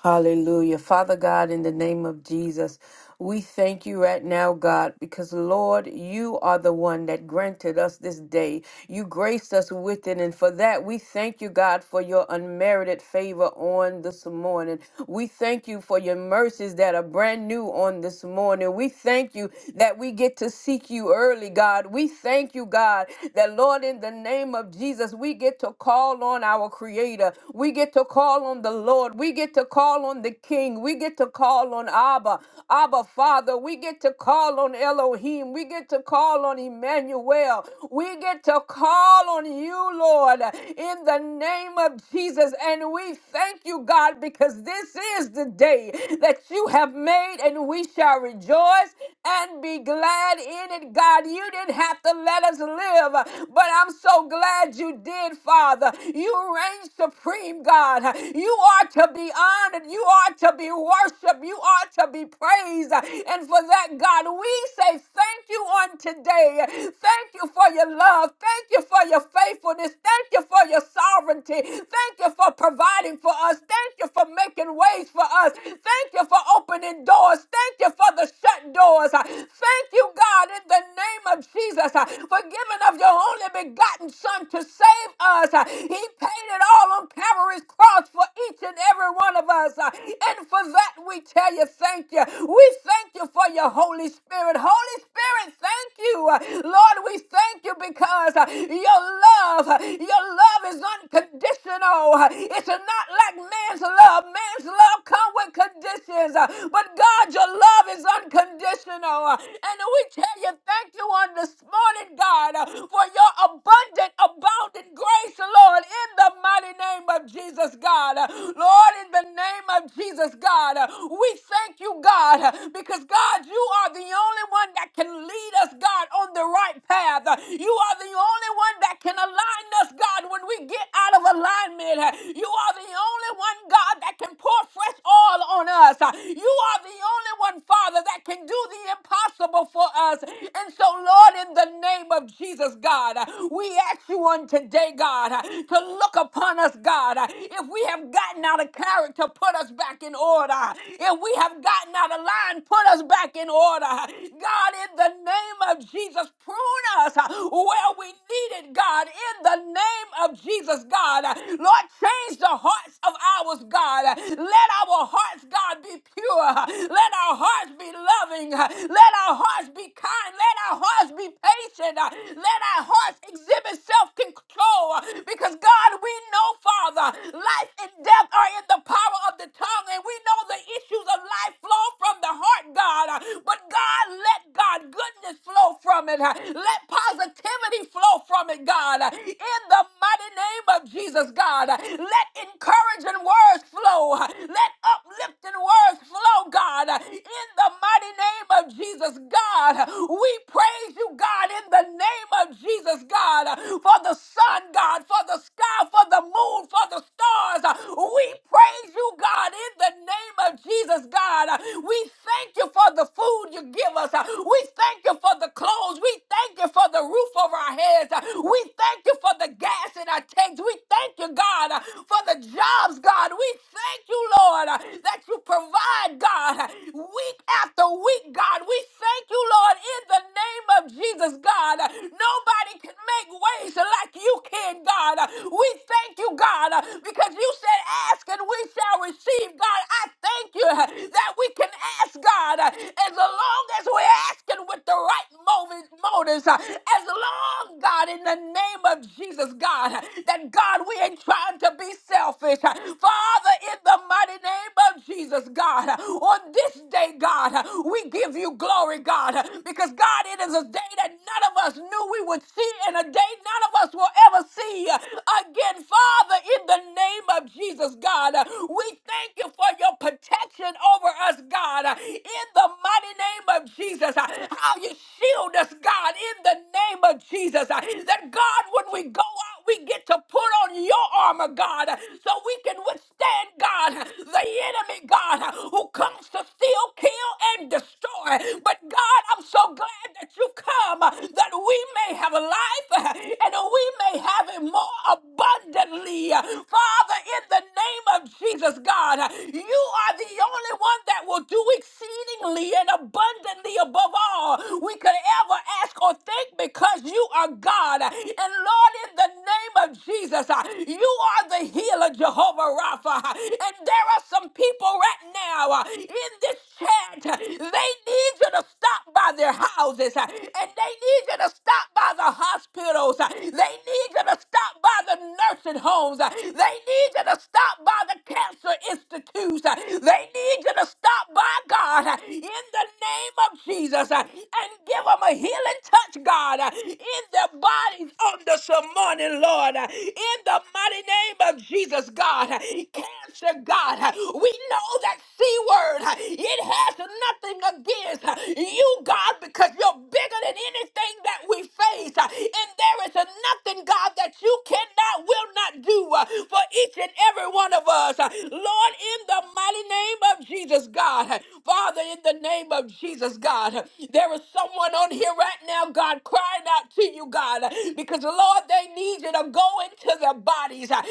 Speaker 3: Hallelujah. Father God, in the name of Jesus, we thank you right now, God, because Lord, you are the one that granted us this day. You graced us with it. And for that, we thank you, God, for your unmerited favor on this morning. We thank you for your mercies that are brand new on this morning. We thank you that we get to seek you early, God. We thank you, God, that Lord, in the name name of Jesus, we get to call on our Creator. We get to call on the Lord. We get to call on the King. We get to call on Abba, Abba Father. We get to call on Elohim. We get to call on Emmanuel. We get to call on you, Lord, in the name of Jesus. And we thank you, God, because this is the day that you have made, and we shall rejoice and be glad in it, God. You didn't have to let us live, but I'm so glad you did, Father. You reign supreme, God. You are to be honored. You are to be worshiped. You are to be praised. And for that, God, we say thank you on today. Thank you for your love. Thank you for your faithfulness. Thank you for your sovereignty. Thank you for providing for us. Thank you for making ways for us. Thank you for opening doors. Thank you for the shut shut doors. Uh, Thank you, God, in the name of Jesus, uh, for giving of your only begotten Son to save us. Uh, He paid it all on Calvary's cross for each and every one of us. Uh, And for that, we tell you thank you. We thank you for your Holy Spirit. Holy Spirit, thank you. Uh, Lord, we thank you because uh, your love, uh, your love is unconditional. Uh, It's not like man's love. Man's love comes with conditions. Uh, But God, your love is is unconditional. Uh, And we tell you thank you on this morning, God, uh, for your abundant, abounding grace, Lord, in the mighty name of Jesus, God. Uh, Lord, in the name of Jesus, God, uh, we thank you, God, uh, because, God, you are the only one that can lead us, God, on the right path. Uh, You are the only one that can align us, God, when we get out of alignment. Uh, You are the only one, God, that can pour fresh oil on us. Uh, You are the only only one, Father, that can do the impossible for us. And so, Lord, in the name of Jesus, God, we ask you on today, God, to look upon us, God. If we have gotten out of character, put us back in order. If we have gotten out of line, put us back in order. God, in the name of Jesus, prune us where we need it, God. In the name of Jesus, God. Lord, change the hearts of ours, God. Let our hearts, God, be pure. Let our hearts be loving. Let our hearts be kind. Let our hearts be patient. Let our hearts exhibit self control. Because, God, we know, Father, life and death are in the power of the tongue. And we know the issues of life flow from the heart, God. But, God, let God goodness flow from it. Let positivity flow from it, God. In the mighty name of Jesus, God. Let encouraging words flow. Let uplifting words flow, God, in the mighty name of Jesus, God. We praise you, God, in the name of Jesus, God, for the sun, God, for the sky, for the moon, for the stars. We praise you, God, in the name of Jesus, God. We thank you for the food you give us. We thank you for the clothes. We thank you for the roof over our heads. We thank you for the gas in our tanks. We thank you, God, for the jobs, God. We thank you, Lord, that you you provide, God, week after week, God. We thank you, Lord, in the name of Jesus, God. Nobody can make ways like you can, God. We thank you, God, because you said, Ask and we shall receive, God. I thank you that we can ask, God, as long as we're asking with the right motive, motives, as long, God, in the name of Jesus, God, that God, we ain't trying to be selfish. Father, in the mighty name name of Jesus, God, on this day, God, we give you glory, God, because God, it is a day that none of us knew we would see, and a day none of us will ever see again. Father, in the name of Jesus, God, we thank you for your protection over us, God, in the mighty name of Jesus. How you shield us, God, in the name of Jesus. That God, when we go out, we get to put on your armor, God, so we can withstand, God, the enemy, God, who comes to steal, kill, and destroy. But God, I'm so glad that you come that we may have life and we may have it more abundantly. Father, in the name of Jesus, God, you are the only one that will do exceedingly and abundantly above all we could ever ask or think because you are God. And Lord, in the name of Jesus, you are the healer, Jehovah Rapha. And there are some people right now uh, in this chat, uh, they need you to stop by their houses, uh, and they need you to stop by the hospitals, uh, they need you to stop by the nursing homes, uh, they need you to stop by the cancer institutes, uh, they need you to stop by God uh, in the name of Jesus uh, and give them a healing touch, God, uh, in their bodies on this morning, Lord, uh, in the mighty name of Jesus, God. uh, every cancer, God. We know that C word, it has nothing against you, God, because you're bigger than anything that we face. And there is nothing, God, that you cannot, will not do uh, for each and every one of us. Lord, in the mighty name of Jesus, God. Father, in the name of Jesus, God, there is someone on here right now, God, crying out to you, God, because Lord, they need you to go into their bodies and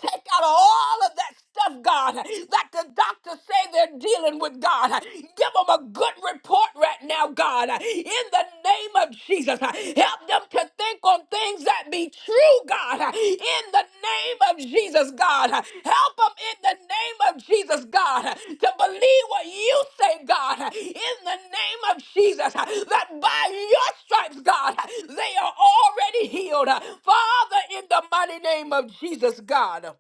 Speaker 3: take out all of that stuff, God, that the doctors say they're dealing with, God. Give them a good report right now, God, in the name of Jesus. Help them to think on things that be true, God, in the name of Jesus, God. Help them in the name of Jesus, God, to believe what you say, God, in the name of Jesus, that by your stripes, God, they are already healed. Father, in the mighty name of Jesus, God.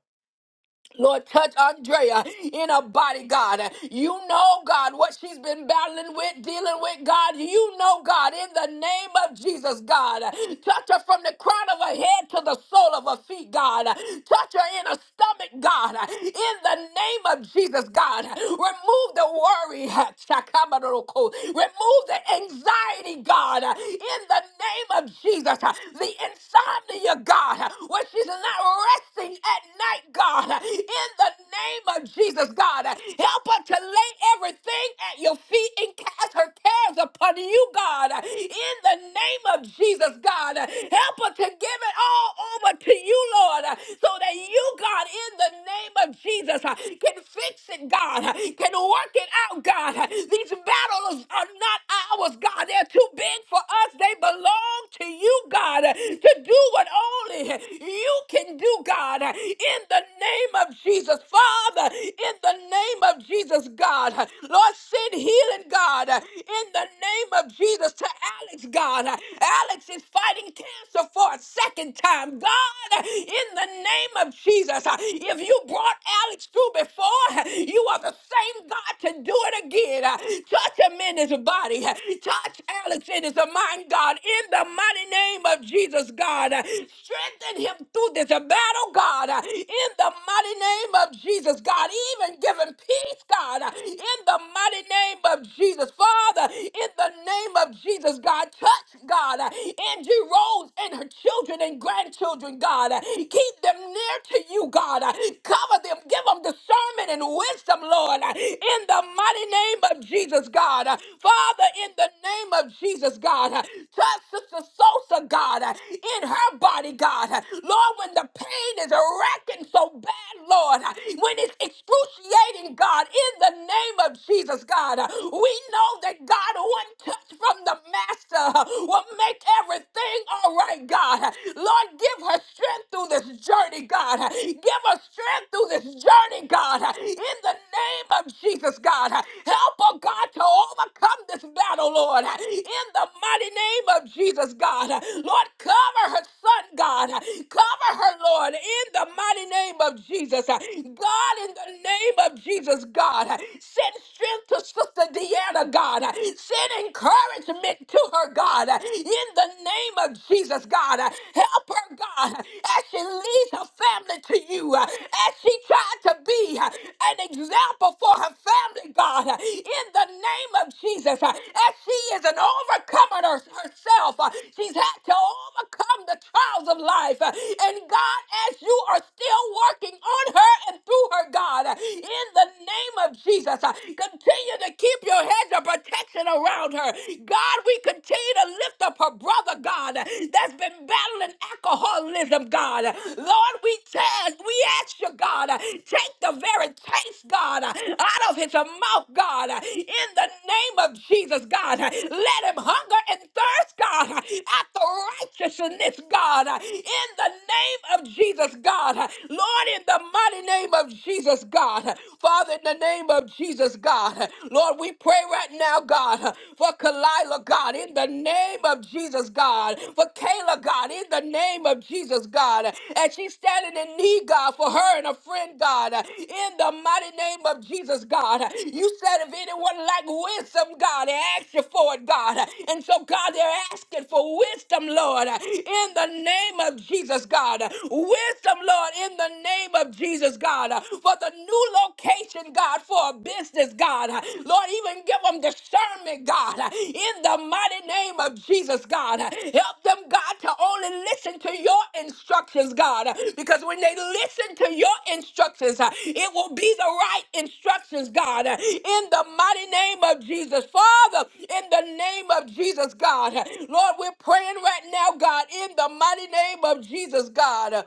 Speaker 3: Lord, touch Andrea in her body, God. You know, God, what she's been battling with, dealing with, God. You know, God, in the name of Jesus, God. Touch her from the crown of her head to the sole of her feet, God. Touch her in her stomach, God. In the name of Jesus, God. Remove the worry, Chakabaroko. remove the anxiety, God. In the name of Jesus, the insomnia, God, when she's not resting at night, God in the name of Jesus, God. Help her to lay everything at your feet and cast her cares upon you, God. In the name of Jesus, God. Help her to give it all over to you, Lord, so that you, God, in the name of Jesus, can fix it, God, can work it out, God. These battles are not ours, God. They're too big for us. They belong to you, God, to do what only you can do, God. In the name of Jesus, Father, in the name of Jesus, God, Lord, send healing, God, in the name of Jesus to Alex, God. Alex is fighting cancer for a second time, God, in the name of Jesus. If you brought Alex through before, you are the same God to do it again. Touch him in his body, touch Alex in his mind, God, in the mighty name of Jesus, God. Strengthen him through this battle, God, in in the mighty name of Jesus, God, even giving peace, God, in the mighty name of Jesus, Father, in the name of Jesus, God, touch, God, Angie Rose and her children and grandchildren, God, keep them near to you, God, cover them, give them discernment and wisdom, Lord, in the mighty name of Jesus, God, Father, in the name of Jesus, God, touch Sister Sosa, God, in her body, God, Lord, when the pain is wrecking hurting so bad, Lord, when it's excruciating, God, in the name of Jesus, God, we know that God, one touch from the Master will make everything all right, God. Lord, give her strength through this journey, God. Give her strength through this journey, God, in the name of Jesus, God. Help her, God, to overcome this battle, Lord, in the mighty name of Jesus, God. Lord, cover her son, God. Cover her, Lord, in the mighty mighty name of Jesus. Uh, God, in the name of Jesus, God, uh, send strength to Sister Deanna, God. uh, Send encouragement to her, God. uh, In the name of Jesus, God, uh, help her, God, uh, as she leads her family to you, uh, as she tried to be uh, an example for her family, God. uh, In the name of Jesus, uh, as she is an overcomer her- herself, uh, she's had to overcome the trials of life. uh, And God, as you are still working on her and through her, God. In the name of Jesus, uh, continue to keep your hedge of protection around her. God, we continue to lift up her brother, God, that's been battling alcoholism, God. Lord, we, tell, we ask you, God, uh, take the very taste, God, uh, out of his mouth, God, uh, in the name of Jesus, God. uh, Let him hunger and thirst, God, uh, after righteousness, God, uh, in the name of Jesus, Jesus, God. Lord, in the mighty name of Jesus, God. Father, in the name of Jesus, God. Lord, we pray right now, God, for Kalila, God, in the name of Jesus, God. For Kayla, God, in the name of Jesus, God. And she's standing in need, God, for her and a friend, God. In the mighty name of Jesus, God. You said if anyone lack wisdom, God, they ask you for it, God. And so, God, they're asking for wisdom, Lord. In the name of Jesus, God. Wisdom wisdom, Lord, in the name of Jesus, God, uh, for the new location, God, for a business, God. Uh, Lord, even give them discernment, God, uh, in the mighty name of Jesus, God. Uh, Help them, God, to only listen to your instructions, God, uh, because when they listen to your instructions, uh, it will be the right instructions, God, uh, in the mighty name of Jesus. Father, in the name of Jesus, God, uh, Lord, we're praying right now, God, in the mighty name of Jesus, God. uh,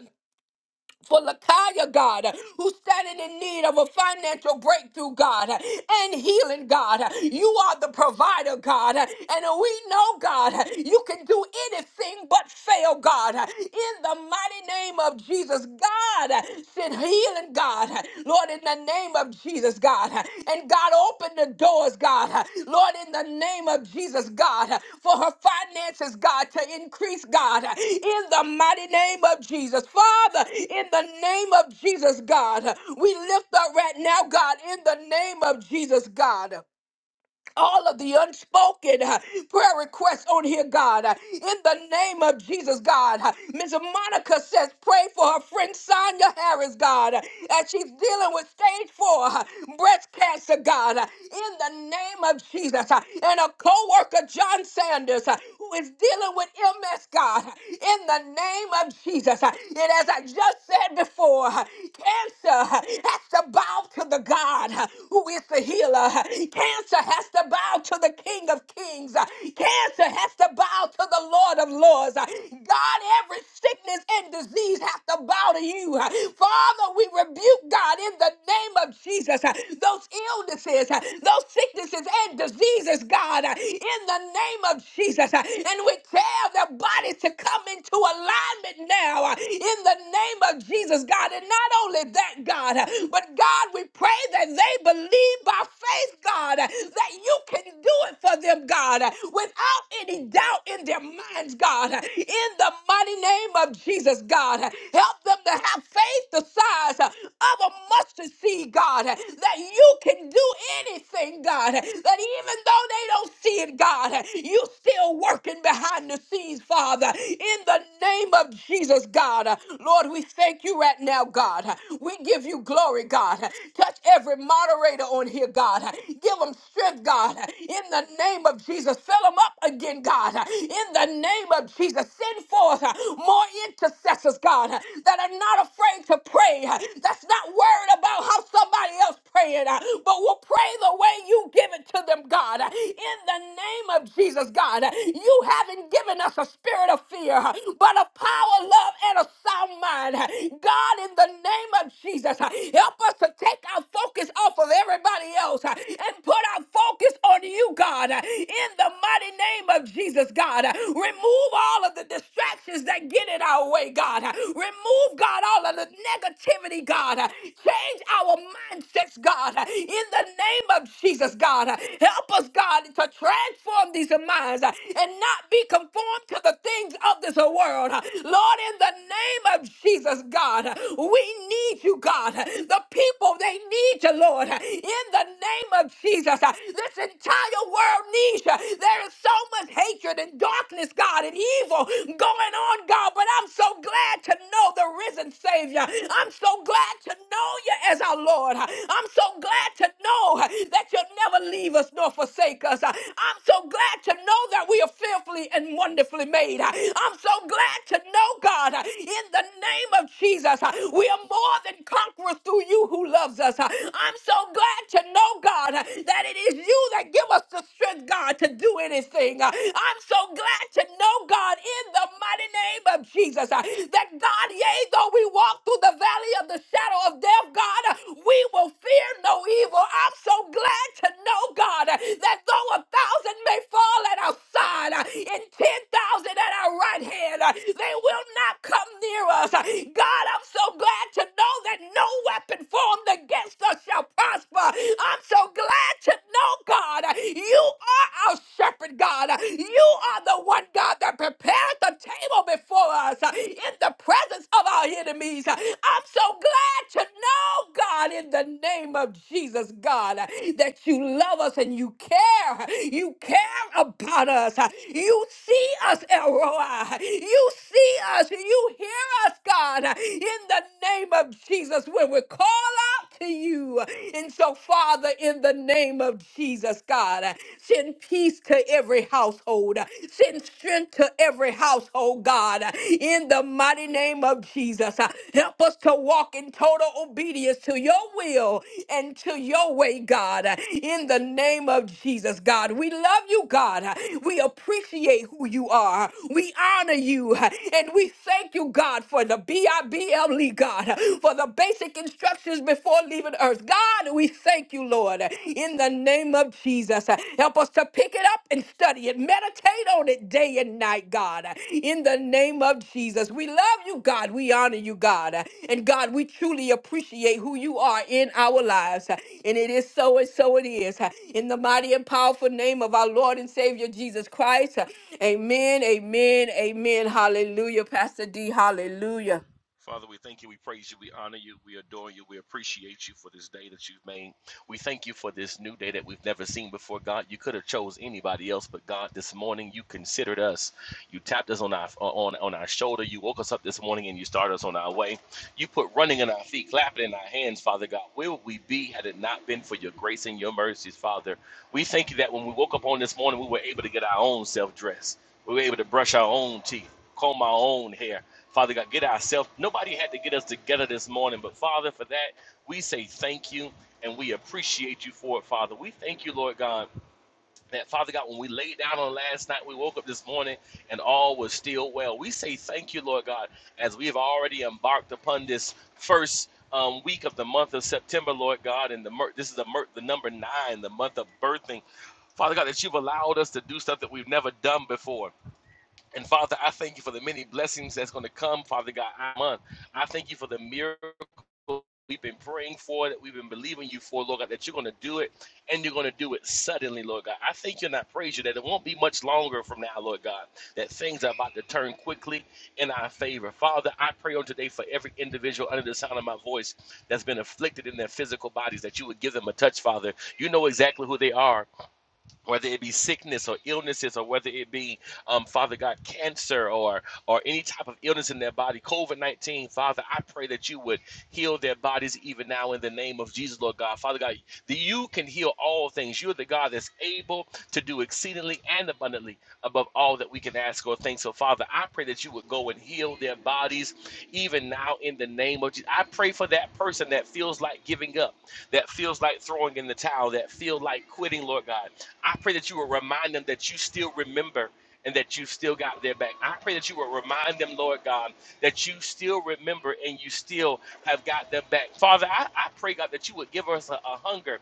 Speaker 3: for Lakaya, God, who's standing in need of a financial breakthrough, God, and healing, God. You are the provider, God, and we know, God, you can do anything but fail, God. In the mighty name of Jesus, God, send healing, God, Lord, in the the name of Jesus, God. And God, open the doors, God. Lord, in the name of Jesus, God, for her finances, God, to increase, God, in the mighty name of Jesus. Father, in the name of Jesus, God, we lift up right now, God, in the name of Jesus, God all of the unspoken uh, prayer requests on here, God. Uh, In the name of Jesus, God. Uh, Ms. Monica says, pray for her friend Sonia Harris, God, uh, as she's dealing with stage four uh, breast cancer, God. Uh, In the name of Jesus. Uh, And a co worker, John Sanders, uh, who is dealing with MS, God. Uh, In the name of Jesus. Uh, And as I just said before, uh, cancer uh, has to bow to the God uh, who is the healer. Uh, Cancer Cancer has to bow to the King of Kings. Uh, Cancer has to bow to the Lord of Lords. Uh, God, every sickness and disease has to bow to you. Uh, Father, we rebuke God in the name of Jesus. uh, Those illnesses, uh, those sicknesses and diseases, God, uh, in the name of Jesus. uh, And we tell their bodies to come into alignment now uh, in the name of Jesus, God. And not only that, God, uh, but God, we pray that they believe by faith faith, God, that you can do it for them, God, without any doubt in their minds, God. In the mighty name of Jesus, God, help them to have faith the size of a mustard seed, God, that you can do anything, God, that even though they don't see it, God, you still working behind the scenes, Father. In the name of Jesus, God, Lord, we thank you right now, God. We give you glory, God. Touch every moderator on here, God. Give them strength, God. In the name of Jesus, fill them up again, God. In the name of Jesus, send forth more intercessors, God, that are not afraid to pray. That's not worried about how somebody else praying, but will pray the way you give it to them, God. In the name of Jesus, God, you haven't given us a spirit of fear, but of power, love, and a sound mind. God, in the name of Jesus, help us to take our focus focus off of everybody else uh, and put our focus on you, God, uh, in the mighty name of Jesus, God. Uh, Remove all of the distractions that get in our way, God. Uh, Remove, God, all of the negativity, God. Uh, Change our mindsets, God, uh, in the name of Jesus, God. Uh, Help us, God, to transform these minds uh, and not be conformed to the things of this world. Uh, Lord, in the name of Jesus, God, uh, we need you, God. Uh, The people, they need you, Lord, in the name of Jesus. This entire world needs you. There is so much hatred and darkness, God, and evil going on, God, but I'm so glad to know the risen Savior. I'm so glad to know you as our Lord. I'm so glad to know that you'll never leave us nor forsake us. I'm so glad to know that we are fearfully and wonderfully made. I'm so glad to know, God, in the name of Jesus, we are more than conquerors through you you who loves us. I'm so glad to know, God, that it is you that give us the strength, God, to do anything. I'm so glad to know, God, in the mighty name of Jesus, that God, yea, though we walk through the valley of the shadow of death, God, we will fear no evil. I'm so glad to know, God, that though a thousand may fall at our side and 10,000 at our right hand, they will not come near us. God, I'm so glad to know that and no weapon formed against us shall prosper. I'm so glad to know, God, you are our shepherd, God. You are the one, God, that prepared the table before us in the presence of our enemies. I'm so glad to know, God, in the name of Jesus, God, that you love us and you care. You care about us. You see us, Elroy. You see us. You hear us, God, in the name name of Jesus when we call out to you. And so, Father, in the name of Jesus, God, send peace to every household, send strength to every household, God, in the mighty name of Jesus. Help us to walk in total obedience to your will and to your way, God, in the name of Jesus, God. We love you, God. We appreciate who you are. We honor you, and we thank you, God, for the BIBLE family, God, for the basic instructions before leaving earth. God, we thank you, Lord, in the name of Jesus. Help us to pick it up and study it, meditate on it day and night, God, in the name of Jesus. We love you, God. We honor you, God. And God, we truly appreciate who you are in our lives. And it is so and so it is. In the mighty and powerful name of our Lord and Savior Jesus Christ. Amen, amen, amen. Hallelujah. Pastor D, hallelujah.
Speaker 5: Father, we thank you, we praise you, we honor you, we adore you, we appreciate you for this day that you've made. We thank you for this new day that we've never seen before. God, you could have chose anybody else, but God, this morning you considered us. You tapped us on our on on our shoulder. You woke us up this morning and you started us on our way. You put running in our feet, clapping in our hands, Father God. Where would we be had it not been for your grace and your mercies, Father? We thank you that when we woke up on this morning, we were able to get our own self dressed. We were able to brush our own teeth, comb our own hair Father God, get ourselves. Nobody had to get us together this morning, but Father, for that, we say thank you and we appreciate you for it, Father. We thank you, Lord God, that Father God, when we laid down on last night, we woke up this morning and all was still well. We say thank you, Lord God, as we have already embarked upon this first. Um, week of the month of September, Lord God, and the mer- this is the, mer- the number nine, the month of birthing. Father God, that you've allowed us to do stuff that we've never done before. And Father, I thank you for the many blessings that's going to come, Father God, our month. I thank you for the miracle we've been praying for, that we've been believing you for, Lord God, that you're going to do it and you're going to do it suddenly, Lord God. I thank you and I praise you that it won't be much longer from now, Lord God, that things are about to turn quickly in our favor. Father, I pray on today for every individual under the sound of my voice that's been afflicted in their physical bodies, that you would give them a touch, Father. You know exactly who they are whether it be sickness or illnesses or whether it be um, father god cancer or or any type of illness in their body covid-19 father i pray that you would heal their bodies even now in the name of jesus lord god father god that you can heal all things you're the god that's able to do exceedingly and abundantly above all that we can ask or think so father i pray that you would go and heal their bodies even now in the name of jesus i pray for that person that feels like giving up that feels like throwing in the towel, that feel like quitting, Lord God. I pray that you will remind them that you still remember and that you still got their back. I pray that you will remind them, Lord God, that you still remember and you still have got their back. Father, I, I pray, God, that you would give us a, a hunger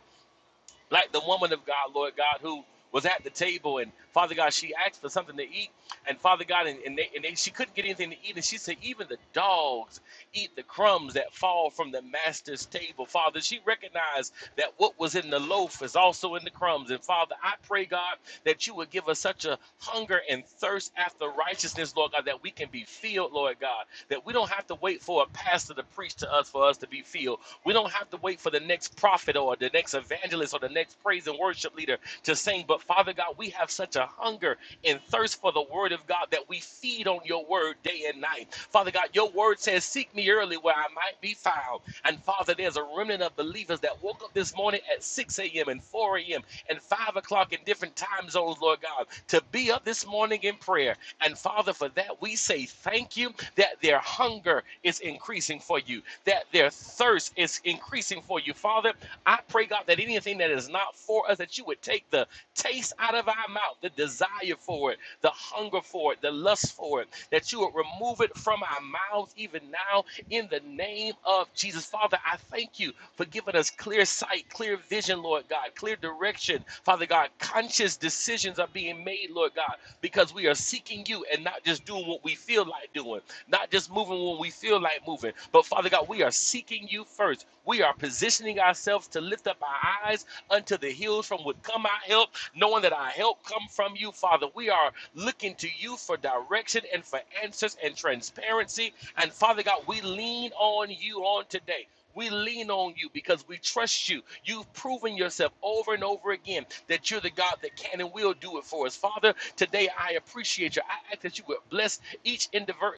Speaker 5: like the woman of God, Lord God, who was at the table and Father God, she asked for something to eat, and Father God, and, and, they, and they, she couldn't get anything to eat, and she said, even the dogs eat the crumbs that fall from the master's table. Father, she recognized that what was in the loaf is also in the crumbs, and Father, I pray God that you would give us such a hunger and thirst after righteousness, Lord God, that we can be filled, Lord God, that we don't have to wait for a pastor to preach to us for us to be filled. We don't have to wait for the next prophet prophet or the next evangelist or the next praise and worship leader to sing. But Father God, we have such a hunger and thirst for the word of God that we feed on your word day and night. Father God, your word says, Seek me early where I might be found. And Father, there's a remnant of believers that woke up this morning at 6 a.m. and 4 a.m. and 5 o'clock in different time zones, Lord God, to be up this morning in prayer. And Father, for that we say thank you that their hunger is increasing for you, that their thirst is is increasing for you. Father, I pray, God, that anything that is not for us, that you would take the taste out of our mouth, the desire for it, the hunger for it, the lust for it, that you would remove it from our mouths even now in the name of Jesus. Father, I thank you for giving us clear sight, clear vision, Lord God, clear direction. Father God, conscious decisions are being made, Lord God, because we are seeking you and not just doing what we feel like doing, not just moving when we feel like moving, but Father. Father God, we are seeking you first. We are positioning ourselves to lift up our eyes unto the hills from which come our help, knowing that our help come from you, Father. We are looking to you for direction and for answers and transparency. And Father God, we lean on you on today. We lean on you because we trust you. You've proven yourself over and over again that you're the God that can and will do it for us. Father, today I appreciate you. I ask that you would bless each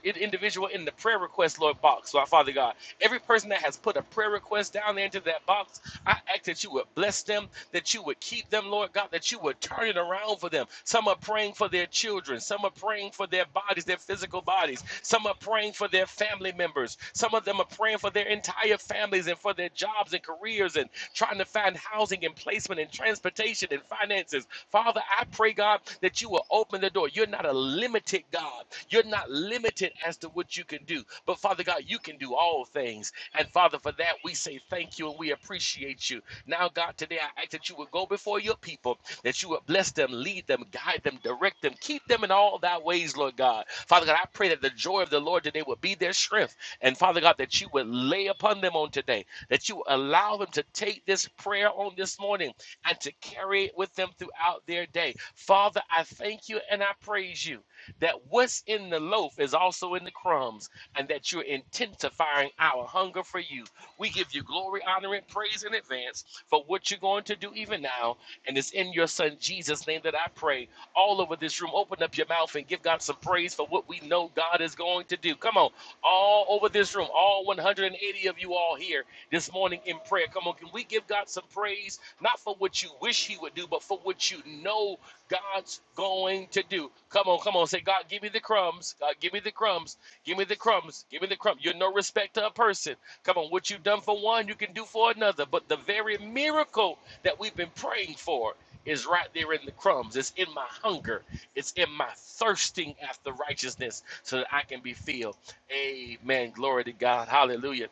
Speaker 5: individual in the prayer request, Lord, box. Lord, Father God, every person that has put a prayer request down there into that box, I ask that you would bless them, that you would keep them, Lord God, that you would turn it around for them. Some are praying for their children. Some are praying for their bodies, their physical bodies. Some are praying for their family members. Some of them are praying for their entire families and for their jobs and careers and trying to find housing and placement and transportation and finances. Father, I pray, God, that you will open the door. You're not a limited God. You're not limited as to what you can do. But Father God, you can do all things. And Father, for that, we say thank you thank you and we appreciate you. Now, God, today I ask that you would go before your people, that you would bless them, lead them, guide them, direct them, keep them in all thy ways, Lord God. Father God, I pray that the joy of the Lord today would be their strength. And Father God, that you would lay upon them on today, that you allow them to take this prayer on this morning and to carry it with them throughout their day. Father, I thank you and I praise you that what's in the loaf is also in the crumbs, and that you're intensifying our hunger for you. We give you glory, honor, and praise in advance for what you're going to do even now. And it's in your son Jesus' name that I pray. All over this room, open up your mouth and give God some praise for what we what we know God is going to do. Come on, all over this room, all 180 of you all here this morning in prayer. Come on, can we give God some praise, not for what you wish He would do, but for what you know God's going to do? Come on, come on, say, God, give me the crumbs. God, give me the crumbs. Give me the crumbs. Give me the crumbs. You're no respecter of person. Come on, what you've done for one, you can do for another. But the very miracle that we've been praying for is right there in the crumbs. It's in my hunger. It's in my thirsting after righteousness so that I can be filled. Amen. Glory to God. Hallelujah.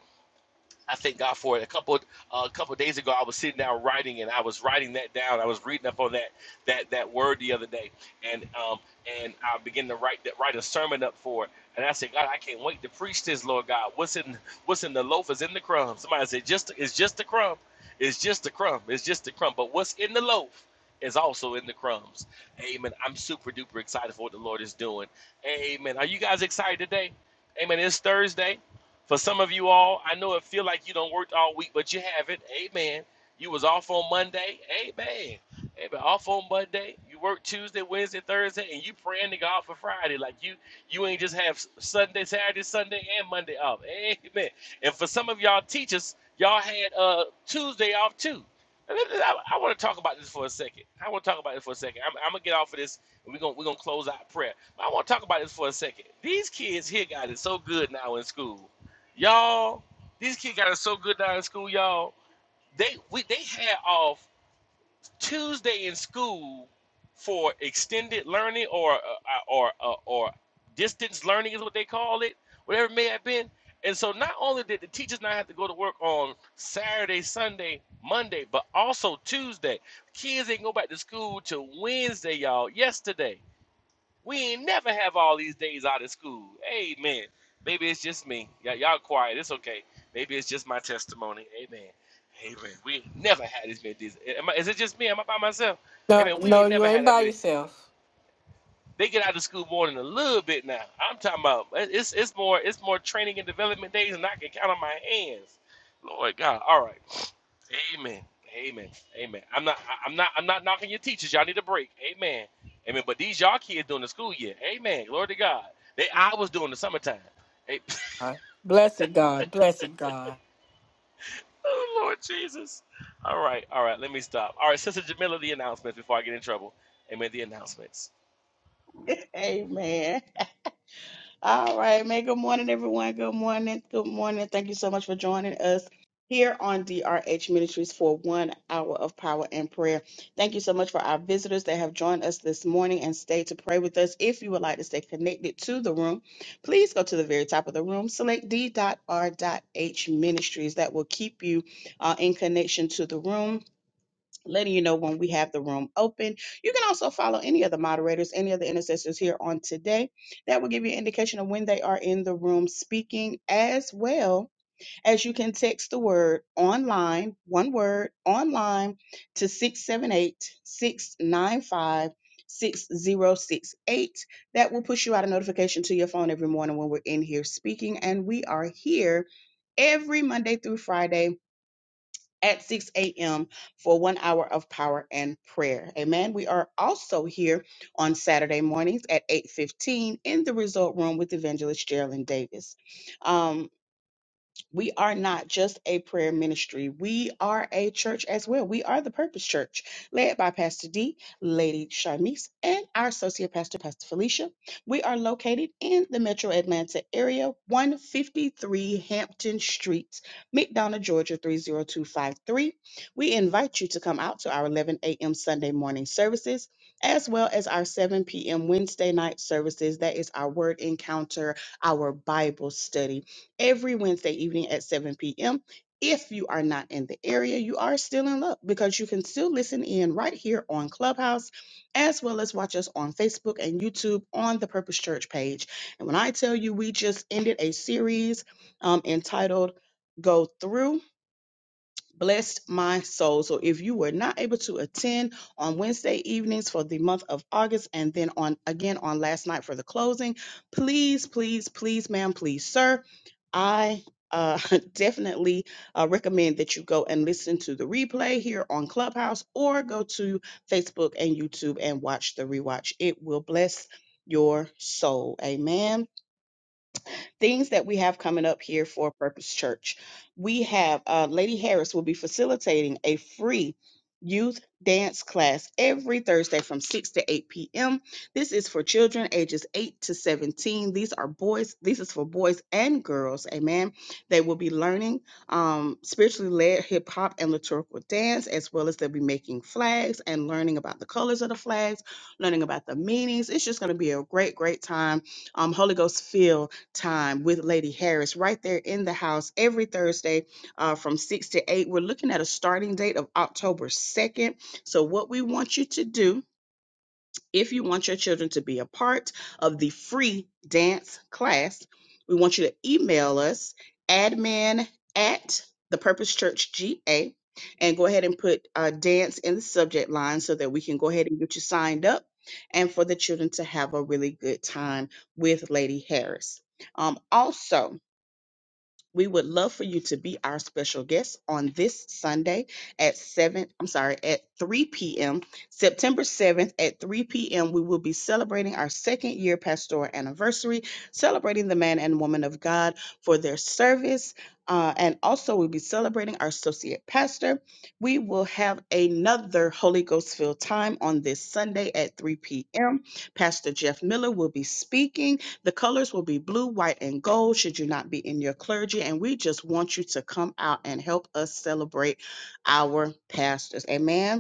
Speaker 5: I thank God for it. A couple uh, a couple days ago, I was sitting down writing, and I was writing that down. I was reading up on that that that word the other day, and um and I began to write that write a sermon up for it. And I said, God, I can't wait to preach this, Lord God. What's in what's in the loaf is in the crumb. Somebody said, just it's just the crumb, it's just the crumb, it's just the crumb. But what's in the loaf is also in the crumbs. Amen. I'm super duper excited for what the Lord is doing. Amen. Are you guys excited today? Amen. It's Thursday. For some of you all, I know it feel like you don't worked all week, but you haven't. Amen. You was off on Monday. Amen. Amen. Off on Monday. You work Tuesday, Wednesday, Thursday, and you praying to God for Friday. Like you, you ain't just have Sunday, Saturday, Sunday, and Monday off. Amen. And for some of y'all teachers, y'all had uh Tuesday off too. And let I, want to talk about this for a second. I want to talk about this for a second. I'm, I'm gonna get off of this. And we're gonna we're gonna close out prayer. But I want to talk about this for a second. These kids here, God, is so good now in school y'all. These kids got it so good down in school, y'all. They we they had off Tuesday in school for extended learning or uh, or uh, or distance learning is what they call it, whatever it may have been. And so not only did the teachers not have to go to work on Saturday, Sunday, Monday, but also Tuesday. Kids didn't go back to school till Wednesday, y'all. Yesterday. We ain't never have all these days out of school. Amen. Maybe it's just me. Y- y'all quiet. It's okay. Maybe it's just my testimony. Amen. Amen. We ain't never had this many days. Am I, is it just me? Am I by myself?
Speaker 3: No,
Speaker 5: Amen. We
Speaker 3: no,
Speaker 5: ain't
Speaker 3: you
Speaker 5: never
Speaker 3: ain't
Speaker 5: had that
Speaker 3: by
Speaker 5: many.
Speaker 3: yourself.
Speaker 5: They get out of school more than a little bit now. I'm talking about it's it's more it's more training and development days than I can count on my hands. Lord God. All right. Amen. Amen. Amen. I'm not. I- I'm not. I'm not knocking your teachers. Y'all need a break. Amen. Amen. But these y'all kids doing the school year. Amen. Glory to God. They I was doing the summertime. Hey,
Speaker 3: All right. Blessed God, blessed God.
Speaker 5: oh Lord Jesus. All right. All right. Let me stop. All right, Sister Jamila, the announcements before I get in trouble. Amen. The announcements.
Speaker 4: Amen. All right, man. Good morning, everyone. Good morning. Good morning. Thank you so much for joining us here on DRH Ministries for one hour of power and prayer. Thank you so much for our visitors that have joined us this morning and stayed to pray with us. If you would like to stay connected to the room, please go to the very top of the room, select D.R.H Ministries. That will keep you uh, in connection to the room letting you know when we have the room open. You can also follow any of the moderators, any of the intercessors here on today. That will give you an indication of when they are in the room speaking, as well as you can text the word online, one word online, to 678 695 6068. that will push you out a notification to your phone every morning when we're in here speaking and we are here every Monday through Friday at 6 a.m. for one hour of power and prayer. Amen. We are also here on Saturday mornings at 8:15 in the Result Room with Evangelist Geraldine Davis. Um, we are not just a prayer ministry. We are a church as well. We are the Purpose Church, led by Pastor D, Lady Charmise, and our associate pastor, Pastor Felicia. We are located in the metro Atlanta area, 153 Hampton Street, McDonough, Georgia, 30253. We invite you to come out to our 11 a.m. Sunday morning services, as well as our 7 p.m. Wednesday night services. That is our word encounter, our Bible study every Wednesday evening at 7 p.m. If you are not in the area, you are still in luck because you can still listen in right here on Clubhouse as well as watch us on Facebook and YouTube on the Purpose Church page. And when I tell you, we just ended a series um, entitled Go Through blessed my soul. So if you were not able to attend on Wednesday evenings for the month of August and then on again on last night for the closing, please, please, please, ma'am, please, sir, I uh, definitely uh, recommend that you go and listen to the replay here on Clubhouse or go to Facebook and YouTube and watch the rewatch. It will bless your soul. Amen things that we have coming up here for Purpose Church. We have uh, Lady Harris will be facilitating a free youth dance class every Thursday from 6 to 8 p.m. This is for children ages 8 to 17. These are boys, this is for boys and girls, amen. They will be learning um, spiritually led hip hop and liturgical dance, as well as they'll be making flags and learning about the colors of the flags, learning about the meanings. It's just going to be a great, great time. Um, Holy Ghost filled time with Lady Harris right there in the house every Thursday uh, from 6 to 8. We're looking at a starting date of October 2nd. So, what we want you to do if you want your children to be a part of the free dance class, we want you to email us admin at thepurposechurchga and go ahead and put uh, dance in the subject line so that we can go ahead and get you signed up and for the children to have a really good time with Lady Harris. Um, also, we would love for you to be our special guest on this Sunday at 7, I'm sorry, at 3 p.m. September 7th at 3 p.m. We will be celebrating our second year pastoral anniversary, celebrating the man and woman of God for their service. Uh, and also, we'll be celebrating our associate pastor. We will have another Holy Ghost filled time on this Sunday at 3 p.m. Pastor Jeff Miller will be speaking. The colors will be blue, white, and gold should you not be in your clergy. And we just want you to come out and help us celebrate our pastors. Amen.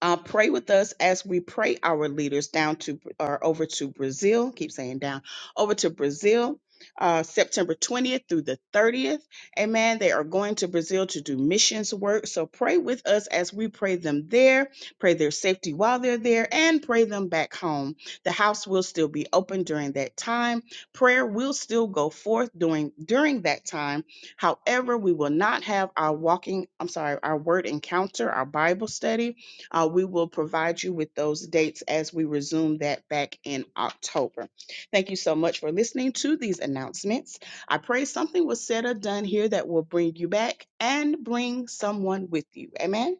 Speaker 4: Uh, pray with us as we pray our leaders down to or over to Brazil. Keep saying down over to Brazil. Uh, September 20th through the 30th. Amen. They are going to Brazil to do missions work. So pray with us as we pray them there, pray their safety while they're there, and pray them back home. The house will still be open during that time. Prayer will still go forth during during that time. However, we will not have our walking, I'm sorry, our word encounter, our Bible study uh, we will provide you with those dates as we resume that back in October. Thank you so much for listening to these announcements. I pray something was said or done here that will bring you back and bring someone with you. Amen.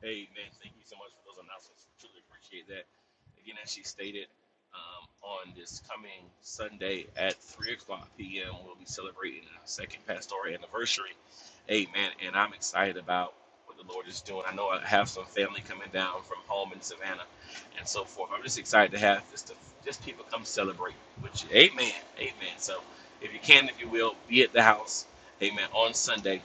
Speaker 5: Hey, man, thank you so much for those announcements. Truly appreciate that. Again, as she stated, um, on this coming Sunday at 3 o'clock p.m., we'll be celebrating our second pastoral anniversary. Amen. And I'm excited about what the Lord is doing. I know I have some family coming down from home in Savannah and so forth. I'm just excited to have just, to, just people come celebrate with you. Amen. Amen. So if you can, if you will, be at the house. Amen. On Sunday.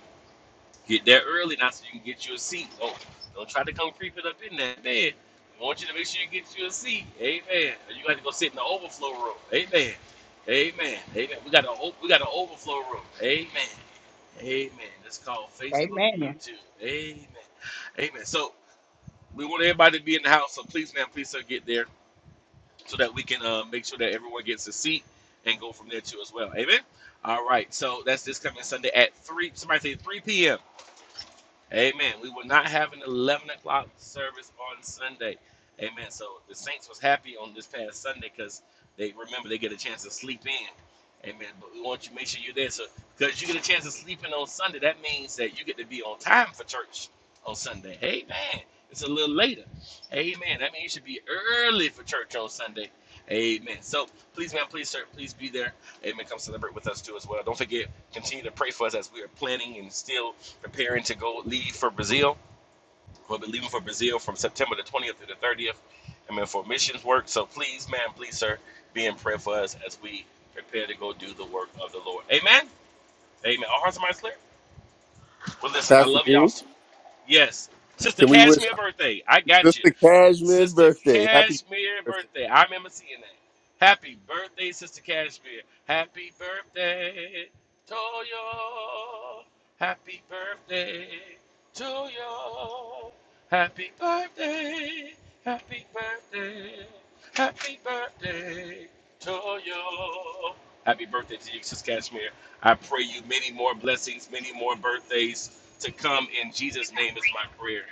Speaker 5: Get there early now so you can get you a seat. Oh, don't try to come creeping up in that bed. I want you to make sure you get you a seat. Amen. Or you got to go sit in the overflow room. Amen. Amen. Amen. We got a we got an overflow room. Amen. Amen. It's called Facebook and
Speaker 4: Amen.
Speaker 5: YouTube. Amen. Amen. So we want everybody to be in the house. So please, man, please sir, get there so that we can uh, make sure that everyone gets a seat and go from there too as well. Amen. All right. So that's this coming Sunday at three. Somebody say three p.m. Amen. We were not having an 11 o'clock service on Sunday. Amen. So the Saints was happy on this past Sunday because they remember they get a chance to sleep in. Amen. But we want you to make sure you're there. So because you get a chance to sleep in on Sunday, that means that you get to be on time for church on Sunday. Amen. It's a little later. Amen. That means you should be early for church on Sunday. Amen. So please, man, please, sir, please be there. Amen. Come celebrate with us too as well. Don't forget, continue to pray for us as we are planning and still preparing to go leave for Brazil. We'll be leaving for Brazil from September the 20th through the 30th. I mean, for missions work. So please, man, please, sir, be in prayer for us as we prepare to go do the work of the Lord. Amen. Amen. Our hearts and minds clear. Well, listen, I
Speaker 1: Pastor
Speaker 5: love y'all
Speaker 1: D,
Speaker 5: so Yes. Sister
Speaker 1: can we wish
Speaker 5: Cashmere birthday. I got you.
Speaker 1: Sister Cashman's
Speaker 5: Sister
Speaker 1: birthday. Happy
Speaker 5: Cashmere
Speaker 1: birthday.
Speaker 5: birthday. I remember seeing that. Happy birthday, Sister Cashmere. Happy birthday to you. Happy birthday to you. Happy birthday. Happy birthday. Happy birthday to you. Happy birthday to you, Sister Cashmere. I pray you many more blessings, many more birthdays to come in Jesus' name is my prayer.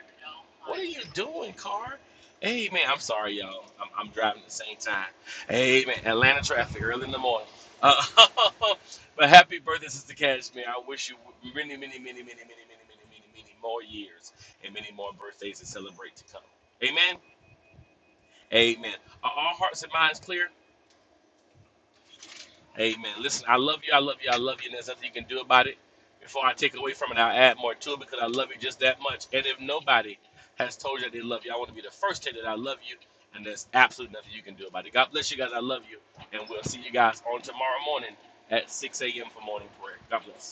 Speaker 5: What are you doing, car? Amen. I'm sorry, y'all. I'm, I'm driving at the same time. Amen. Atlanta traffic early in the morning. Uh, but happy birthday, Sister Cashmere. I wish you many, many, many, many, many, many, many, many, many more years and many more birthdays to celebrate to come. Amen. Amen. Are all hearts and minds clear? Amen. Listen, I love you. I love you. I love you. And there's nothing you can do about it. Before I take away from it, I'll add more to it because I love you just that much. And if nobody has told you that they love you, I want to be the first to tell you that I love you. And there's absolutely nothing you can do about it. God bless you guys. I love you. And we'll see you guys on tomorrow morning at 6 a.m. for morning prayer. God bless.